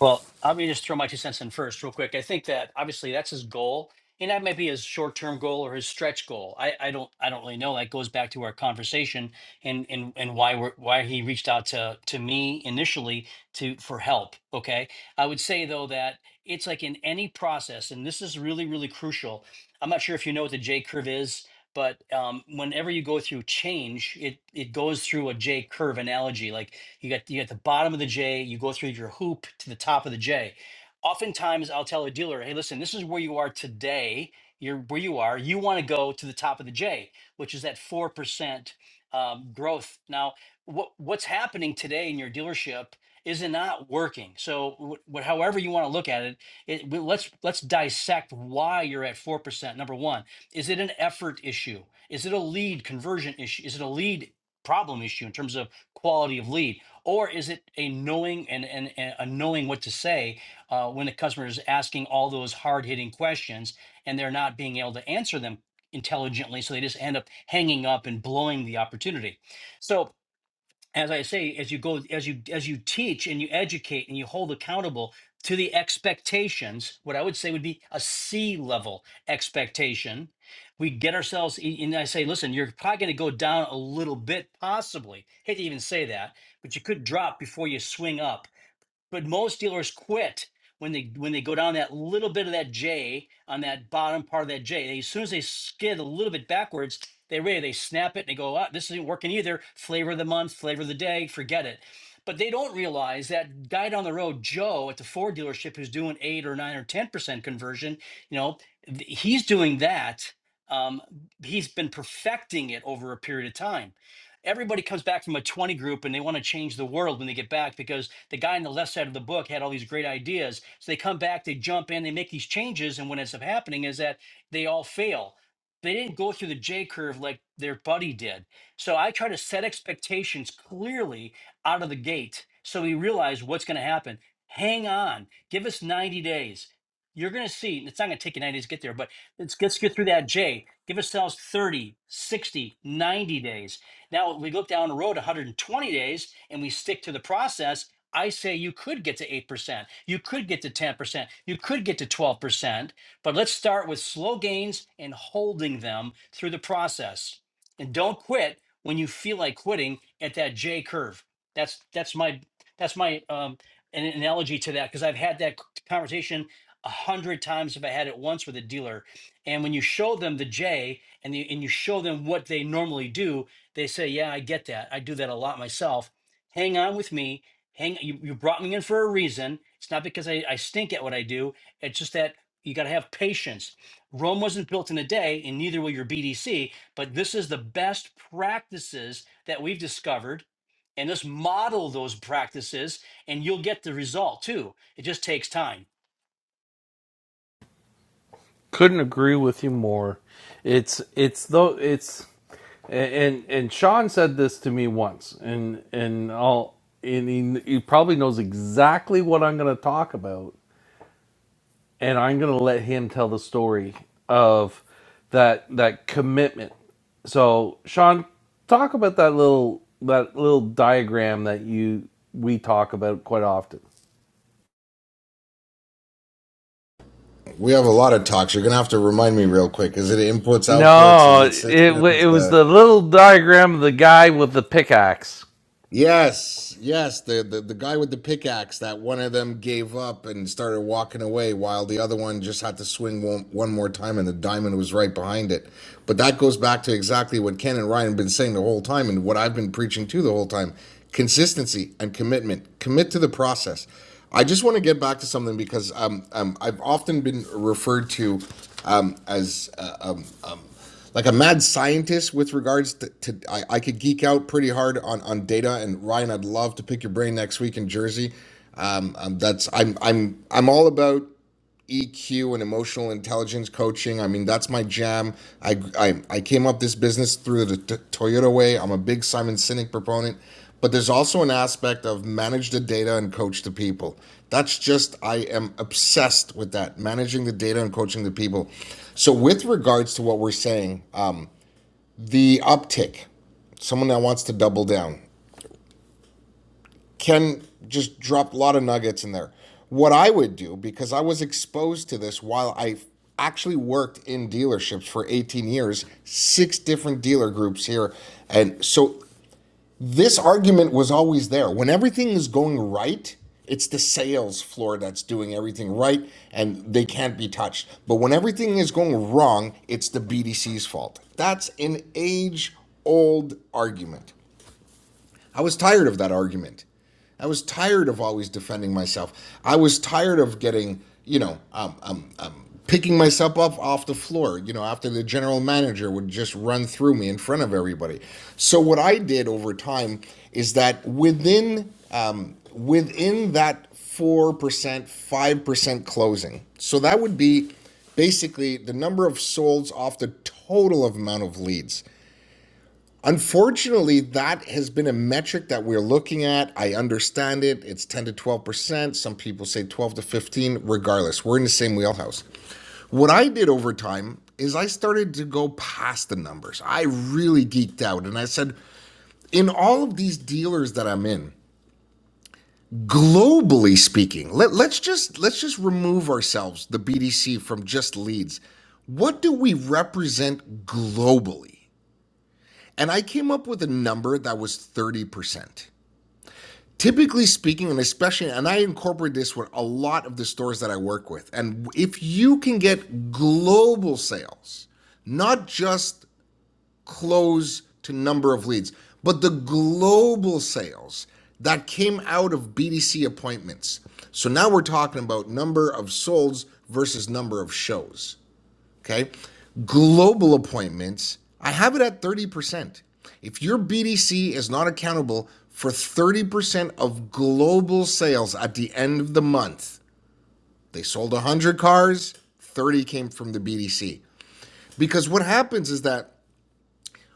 [SPEAKER 4] Well, let me just throw my two cents in first, real quick. I think that obviously that's his goal, and that might be his short-term goal or his stretch goal. I, I don't I don't really know. That goes back to our conversation and and and why we're why he reached out to to me initially to for help. Okay, I would say though that it's like in any process, and this is really really crucial. I'm not sure if you know what the J curve is. But um, whenever you go through change, it, it goes through a J curve analogy. Like you got you got the bottom of the J. You go through your hoop to the top of the J. Oftentimes, I'll tell a dealer, "Hey, listen, this is where you are today. You're where you are. You want to go to the top of the J, which is that four percent um, growth." Now, what what's happening today in your dealership is it not working? So, wh- wh- however you want to look at it, it w- let's let's dissect why you're at four percent. Number one, is it an effort issue? Is it a lead conversion issue? Is it a lead problem issue in terms of quality of lead? or is it a knowing and, and, and a knowing what to say uh, when the customer is asking all those hard-hitting questions and they're not being able to answer them intelligently so they just end up hanging up and blowing the opportunity so as I say, as you go, as you as you teach and you educate and you hold accountable to the expectations, what I would say would be a C level expectation. We get ourselves, and I say, listen, you're probably going to go down a little bit, possibly. Hate to even say that, but you could drop before you swing up but most dealers quit when they when they go down that little bit of that J on that bottom part of that J. They, as soon as they skid a little bit backwards, they ready they snap it and they go, ah, this isn't working either. Flavor of the month, flavor of the day, forget it. But they don't realize that guy down the road, Joe at the Ford dealership, who's doing eight or nine or ten percent conversion. You know, th- he's doing that. Um, he's been perfecting it over a period of time. Everybody comes back from a 20 group and they want to change the world when they get back because the guy on the left side of the book had all these great ideas. So they come back, they jump in, they make these changes, and what ends up happening is that they all fail. They didn't go through the J curve like their buddy did. So I try to set expectations clearly out of the gate so we realize what's going to happen. Hang on, give us 90 days. You're going to see, and it's not going to take you 90 days to get there, but let's, let's get through that J. Give ourselves 30, 60, 90 days. Now we look down the road 120 days and we stick to the process I say you could get to 8%, you could get to 10%, you could get to 12%, but let's start with slow gains and holding them through the process. And don't quit when you feel like quitting at that J curve. That's that's my that's my um an analogy to that because I've had that conversation a hundred times if I had it once with a dealer. And when you show them the J and the, and you show them what they normally do, they say, "Yeah, I get that. I do that a lot myself." Hang on with me hang you, you brought me in for a reason it's not because I, I stink at what i do it's just that you got to have patience rome wasn't built in a day and neither will your bdc but this is the best practices that we've discovered and let's model those practices and you'll get the result too it just takes time
[SPEAKER 2] Couldn't agree with you more. It's it's though it's and and, and Sean said this to me once, and and I'll and he, he probably knows exactly what I'm going to talk about, and I'm going to let him tell the story of that that commitment. So Sean, talk about that little that little diagram that you we talk about quite often.
[SPEAKER 3] We have a lot of talks. You're gonna have to remind me real quick. Is it inputs, outputs? Is
[SPEAKER 2] No,
[SPEAKER 3] it
[SPEAKER 2] it wa- it
[SPEAKER 3] systems?
[SPEAKER 2] was
[SPEAKER 3] Uh,
[SPEAKER 2] the little diagram of the guy with the pickaxe.
[SPEAKER 3] Yes, yes, the, the the guy with the pickaxe that one of them gave up and started walking away while the other one just had to swing one, one more time and the diamond was right behind it. But that goes back to exactly what Ken and Ryan have been saying the whole time and what I've been preaching to the whole time. Consistency and commitment. Commit to the process. I just want to get back to something because um, um, I've often been referred to um, as uh, um um, like a mad scientist with regards to, to I, I could geek out pretty hard on on data and Ryan I'd love to pick your brain next week in Jersey um, um that's I'm I'm I'm all about EQ and emotional intelligence coaching I mean that's my jam I I, I came up this business through the t- Toyota way I'm a big Simon Sinek proponent but there's also an aspect of manage the data and coach the people that's just I am obsessed with that managing the data and coaching the people so with regards to what we're saying the uptick, someone that wants to double down, can just drop a lot of nuggets in there. What I would do, because I was exposed to this while I actually worked in dealerships for 18 years, six different dealer groups here. And so this argument was always there. When everything is going right, it's the sales floor that's doing everything right and they can't be touched. But when everything is going wrong, it's the BDC's fault. That's an age old argument. I was tired of that argument. I was tired of always defending myself. I was tired of getting, you know, um, um, um, picking myself up off the floor, you know, after the general manager would just run through me in front of everybody. So what I did over time is that within um, within that four percent, five percent closing. So that would be basically the number of solds off the total amount of leads. Unfortunately, that has been a metric that we're looking at. I understand it. It's 10 to 12%. Some people say 12 to 15. Regardless, we're in the same wheelhouse. What I did over time is I started to go past the numbers. I really geeked out and I said, in all of these dealers that I'm in, globally speaking, let, let's just let's just remove ourselves, the BDC, from just leads. What do we represent globally? And I came up with a number that was 30%. Typically speaking, and especially, and I incorporate this with a lot of the stores that I work with. And if you can get global sales, not just close to number of leads, but the global sales that came out of BDC appointments. So now we're talking about number of solds versus number of shows. Okay. Global appointments, I have it at 30%. If your BDC is not accountable for 30% of global sales at the end of the month, they sold 100 cars, 30 came from the BDC. Because what happens is that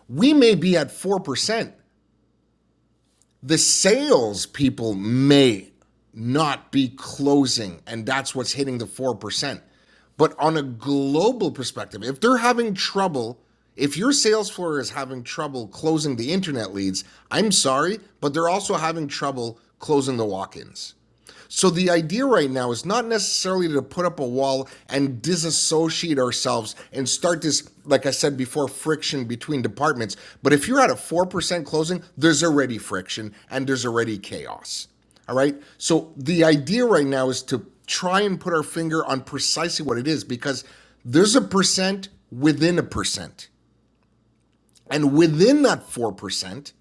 [SPEAKER 3] we may be at 4%, the sales people may not be closing, and that's what's hitting the 4%. But on a global perspective, if they're having trouble, if your sales floor is having trouble closing the internet leads, I'm sorry, but they're also having trouble closing the walk ins. So the idea right now is not necessarily to put up a wall and disassociate ourselves and start this, like I said before, friction between departments. But if you're at a 4% closing, there's already friction and there's already chaos. All right. So the idea right now is to try and put our finger on precisely what it is because there's a percent within a percent. And within that 4%,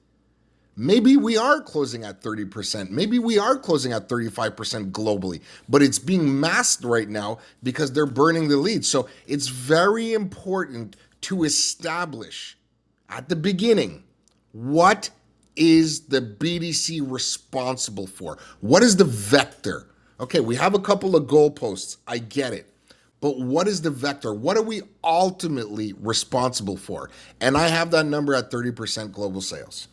[SPEAKER 3] Maybe we are closing at 30%. Maybe we are closing at 35% globally, but it's being masked right now because they're burning the lead. So it's very important to establish at the beginning what is the BDC responsible for? What is the vector? Okay, we have a couple of goalposts. I get it. But what is the vector? What are we ultimately responsible for? And I have that number at 30% global sales.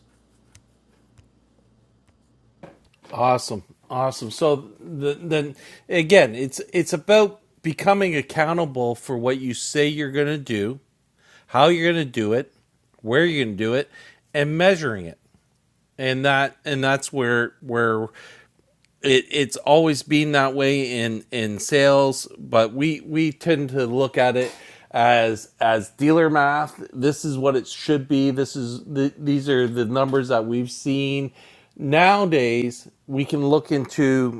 [SPEAKER 2] Awesome, awesome. So the, then again, it's it's about becoming accountable for what you say you're going to do, how you're going to do it, where you're going to do it, and measuring it. And that and that's where where it, it's always been that way in in sales, but we we tend to look at it as as dealer math. This is what it should be. This is the, these are the numbers that we've seen nowadays we can look into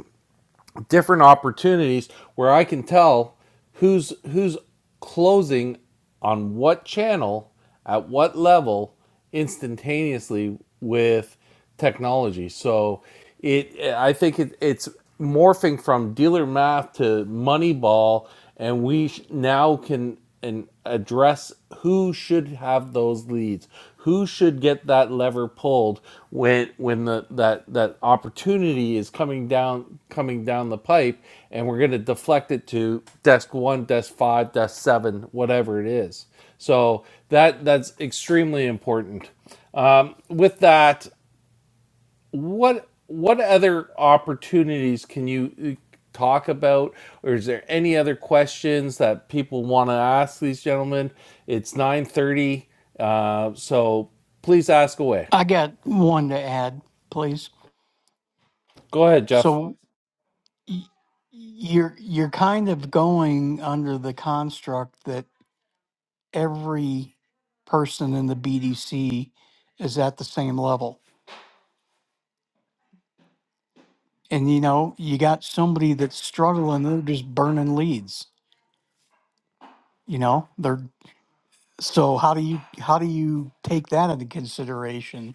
[SPEAKER 2] different opportunities where I can tell who's who's closing on what channel at what level instantaneously with technology. So it I think it, it's morphing from dealer math to Moneyball and we sh- now can and address who should have those leads who should get that lever pulled when when the that that opportunity is coming down coming down the pipe and we're going to deflect it to desk 1 desk 5 desk 7 whatever it is so that that's extremely important with that what what other opportunities can you uh, talk about or is there any other questions that people want to ask these gentlemen it's 9.30 uh, so please ask away
[SPEAKER 6] I got one to add, please.
[SPEAKER 2] go ahead jeff
[SPEAKER 6] So y- you're you're kind of going under the construct that every person in the BDC is at the same level and you know you got somebody that's struggling they're just burning leads you know they're so how do you how do you take that into consideration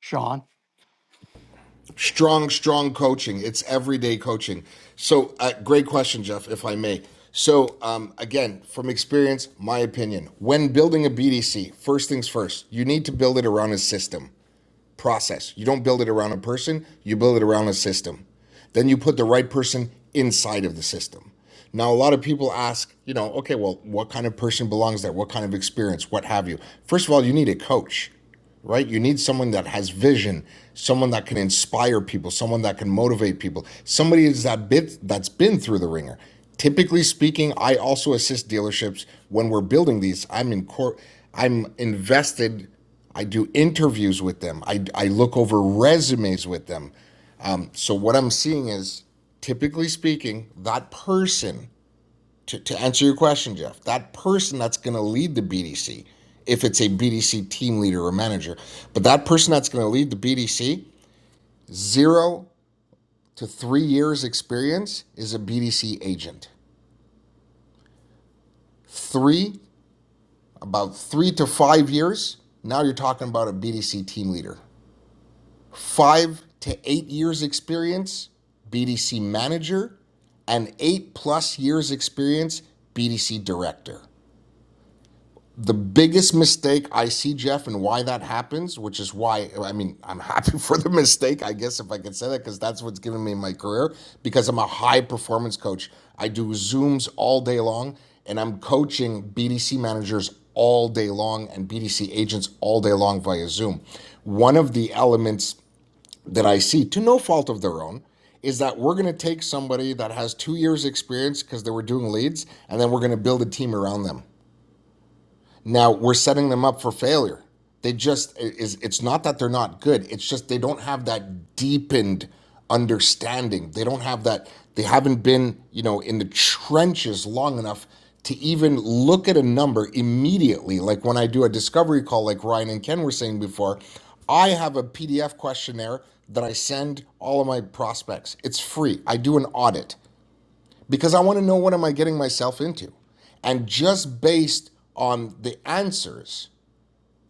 [SPEAKER 6] sean
[SPEAKER 3] Strong, strong coaching. It's everyday coaching. So, uh, great question, Jeff, if I may. So, um, again, from experience, my opinion when building a BDC, first things first, you need to build it around a system process. You don't build it around a person, you build it around a system. Then you put the right person inside of the system. Now, a lot of people ask, you know, okay, well, what kind of person belongs there? What kind of experience? What have you? First of all, you need a coach right? You need someone that has vision, someone that can inspire people, someone that can motivate people, somebody is that bit that's been through the ringer. Typically speaking, I also assist dealerships when we're building these. I'm in cor- I'm invested. I do interviews with them. I, I look over resumes with them. Um, so what I'm seeing is, typically speaking, that person to, to answer your question, Jeff, that person that's going to lead the BDC, if it's a BDC team leader or manager, but that person that's going to lead the BDC, zero to three years experience is a BDC agent. Three, about three to five years, now you're talking about a BDC team leader. Five to eight years experience, BDC manager, and eight plus years experience, BDC director. the biggest mistake I see, Jeff, and why that happens, which is why I mean, I'm happy *laughs* for the mistake, I guess, if I could say that, because that's what's given me my career. Because I'm a high performance coach, I do Zooms all day long, and I'm coaching BDC managers all day long and BDC agents all day long via Zoom. One of the elements that I see, to no fault of their own, is that we're going to take somebody that has two years experience because they were doing leads, and then we're going to build a team around them. Now we're setting them up for failure. They just it is it's not that they're not good. It's just they don't have that deepened understanding. They don't have that they haven't been, you know, in the trenches long enough to even look at a number immediately. Like when I do a discovery call like Ryan and Ken were saying before, I have a PDF questionnaire that I send all of my prospects. It's free. I do an audit because I want to know what am I getting myself into. And just based on the answers,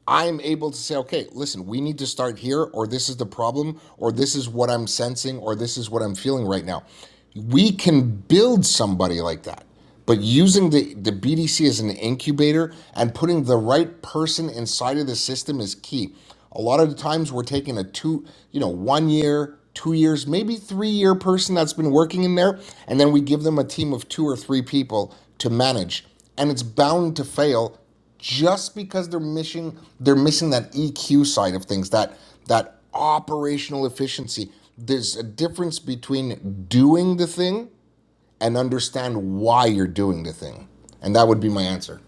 [SPEAKER 3] I'm able to say, okay, listen, we need to start here, or this is the problem, or this is what I'm sensing, or this is what I'm feeling right now. We can build somebody like that. But using the, the BDC as an incubator and putting the right person inside of the system is key. A lot of the times we're taking a two, you know, one year, two years, maybe three year person that's been working in there, and then we give them a team of two or three people to manage. And it's bound to fail just because they're missing they're missing that EQ side of things, that that operational efficiency. There's a difference between doing the thing and understand why you're doing the thing, and that would be my answer.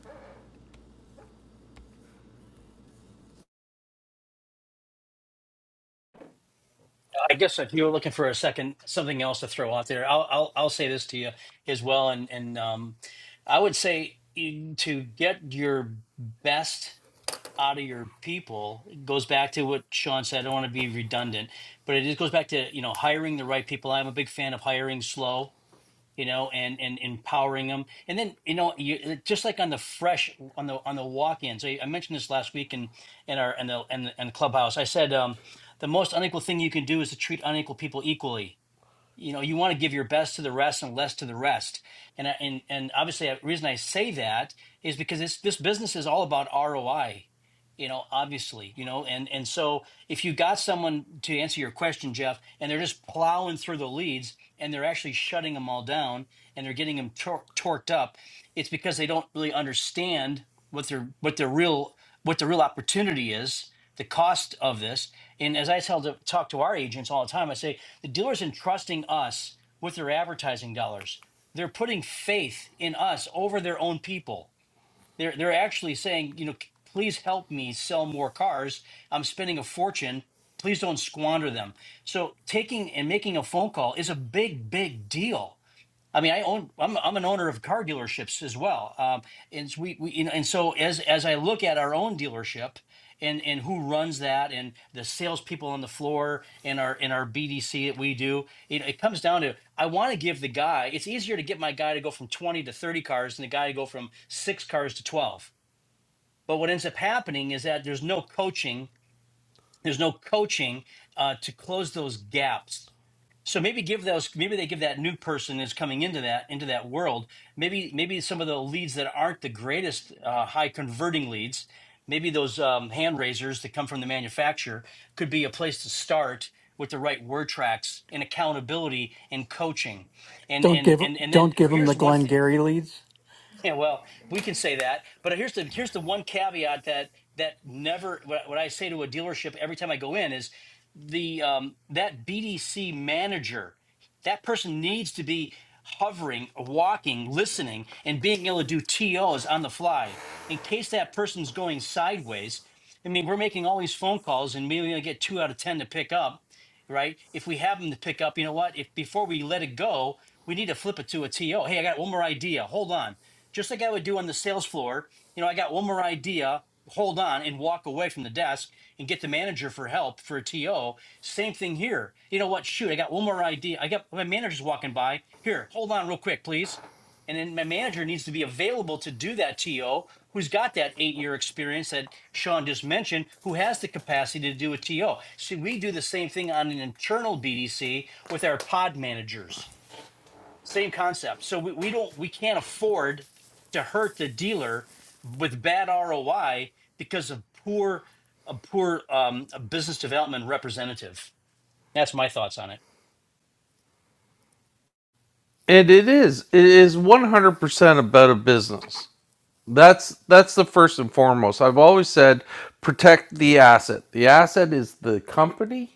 [SPEAKER 4] i guess if you were looking for a second something else to throw out there i'll i'll, I'll say this to you as well and and um, i would say eh, to get your best out of your people it goes back to what Sean said. I don't want to be redundant, but it just goes back to you know hiring the right people. I'm a big fan of hiring slow, you know, and and empowering them. And then you know, you just like on the fresh on the on the walk in. So I mentioned this last week in in our in the in, the- in the clubhouse. I said um, the most unequal thing you can do is to treat unequal people equally you know you want to give your best to the rest and less to the rest and I- and and obviously the reason i say that is because this this business is all about roi you know obviously you know and and so if you got someone to answer your question jeff and they're just plowing through the leads and they're actually shutting them all down and they're getting them tor- torqued up it's because they don't really understand what their what their real what the real opportunity is the cost of this and as i tell to talk to our agents all the time i say the dealer's entrusting us with their advertising dollars. They're putting faith in us over their own people. They're they're actually saying, you know, please help me sell more cars. I'm spending a fortune. Please don't squander them. So taking and making a phone call is a big, big deal. I mean, I own. I'm I'm an owner of car dealerships as well, um, and s- we, we you know, and so as as I look at our own dealership and and who runs that and the salespeople on the floor and our in our BDC that we do, it, it comes down to I want to give the guy. It's easier to get my guy to go from twenty to thirty cars than the guy to go from six cars to twelve. But what ends up happening is that there's no coaching there's no coaching uh, to close those gaps so maybe give those maybe they give that new person that's coming into that into that world maybe maybe some of the leads that aren't the greatest uh, high converting leads maybe those um, hand raisers that come from the manufacturer could be a place to start with the right word tracks and accountability and coaching and
[SPEAKER 6] don't
[SPEAKER 4] and
[SPEAKER 6] give
[SPEAKER 4] and and then
[SPEAKER 6] don't give them the
[SPEAKER 4] here's one th-
[SPEAKER 6] glengarry leads
[SPEAKER 4] yeah, well, we can say that, but here's the here's the one caveat that that never what, what I say to a dealership every time I go in is the um, that BDC manager that person needs to be hovering, walking, listening, and being able to do TOs on the fly in case that person's going sideways. I mean, we're making all these phone calls and maybe I get two out of ten to pick up, right? If we have them to pick up, you know what? If before we let it go, we need to flip it to a TO. Hey, I got one more idea. Hold on just like I would do on the sales floor. You know, I got one more idea, hold on and walk away from the desk and get the manager for help for a TO. Same thing here. You know what? Shoot, I got one more idea. I got my manager's walking by. Here, hold on real quick, please. And then my manager needs to be available to do that TO who's got that eight year experience that Sean just mentioned, who has the capacity to do a TO. See, we do the same thing on an internal BDC with our pod managers. Same concept. So we, we don't we can't afford to hurt the dealer with bad ROI because of poor a poor um, a business development representative. That's my thoughts on it.
[SPEAKER 2] And it is. It is 100% about a business. That's that's the first and foremost. I've always said protect the asset. The asset is the company,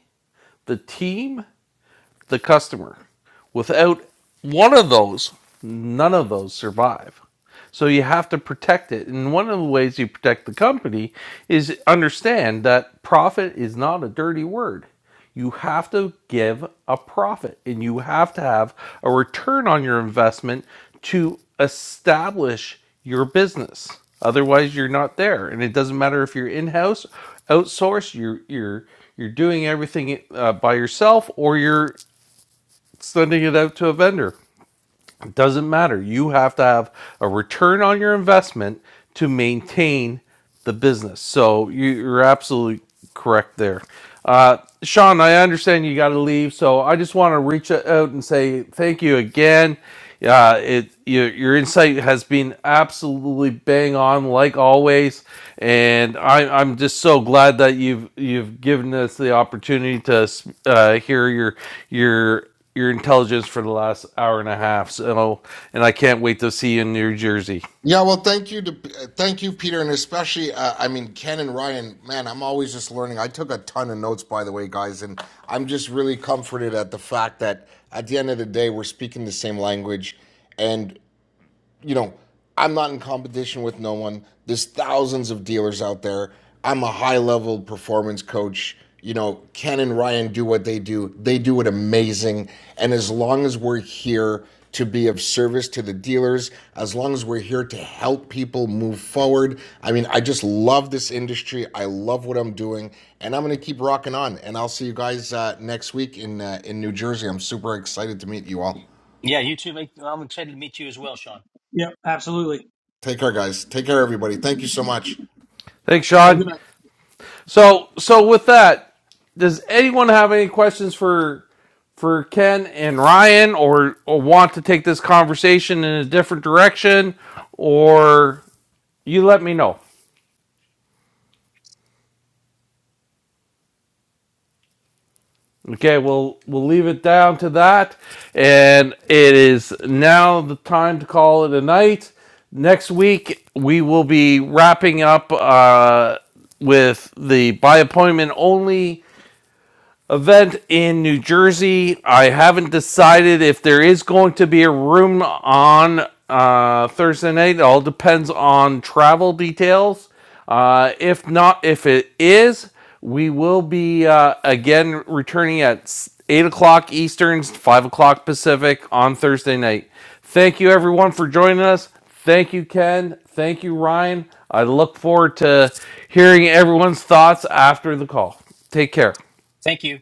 [SPEAKER 2] the team, the customer. Without one of those, none of those survive. So you have to protect it. And one of the ways you protect the company is understand that profit is not a dirty word. You have to give a profit and you have to have a return on your investment to establish your business. Otherwise, you're not there. And it doesn't matter if you're in house, outsourced, you're, you're, you're doing everything uh, by yourself or you're sending it out to a vendor. It doesn't matter. You have to have a return on your investment to maintain the business. So you- are absolutely correct there. Uh, Sean, I understand you got to leave, so I just want to reach out and say thank you again. Uh, it your, your insight has been absolutely bang on, like always, and I, I'm just so glad that you've you've given us the opportunity to uh, hear your your your intelligence for the last hour and a half. So, and I can't wait to see you in New Jersey.
[SPEAKER 3] Yeah, well, thank you to uh, thank you, Peter, and especially uh, I mean Ken and Ryan. Man, I'm always just learning. I took a ton of notes, by the way, guys, and I'm just really comforted at the fact that at the end of the day, we're speaking the same language, and you know, I'm not in competition with no one. There's thousands of dealers out there. I'm a high level performance coach. You know, Ken and Ryan do what they do, they do it amazing. And as long as we're here to be of service to the dealers, as long as we're here to help people move forward, I mean, I just love this industry. I love what I'm doing. And I'm going to keep rocking on. And I'll see you guys uh, next week in, uh, in New Jersey. I'm super excited to meet you all.
[SPEAKER 4] Yeah, you too. Mate. I'm excited to meet you as well, Sean.
[SPEAKER 5] Yeah, absolutely.
[SPEAKER 3] Take care, guys. Take care, everybody. Thank you so much.
[SPEAKER 2] Thanks,
[SPEAKER 5] Have a
[SPEAKER 2] Sean.
[SPEAKER 5] good night.
[SPEAKER 2] So, so with that, does anyone have any questions for for Ken and Ryan, or, or want to take this conversation in a different direction, or you let me know. Okay, we'll we'll leave it down to that, and it is now the time to call it a night. Next week we will be wrapping up uh, with the by appointment only event in New Jersey. I haven't decided if there is going to be a room on uh, Thursday night. It all depends on travel details. Uh, if not, if it is, we will be uh, again returning at 8 o'clock Eastern, 5 o'clock Pacific on Thursday night. Thank you, everyone, for joining us. Thank you, Ken. Thank you, Ryan. I look forward to hearing everyone's thoughts after the call. Take care.
[SPEAKER 4] Thank you.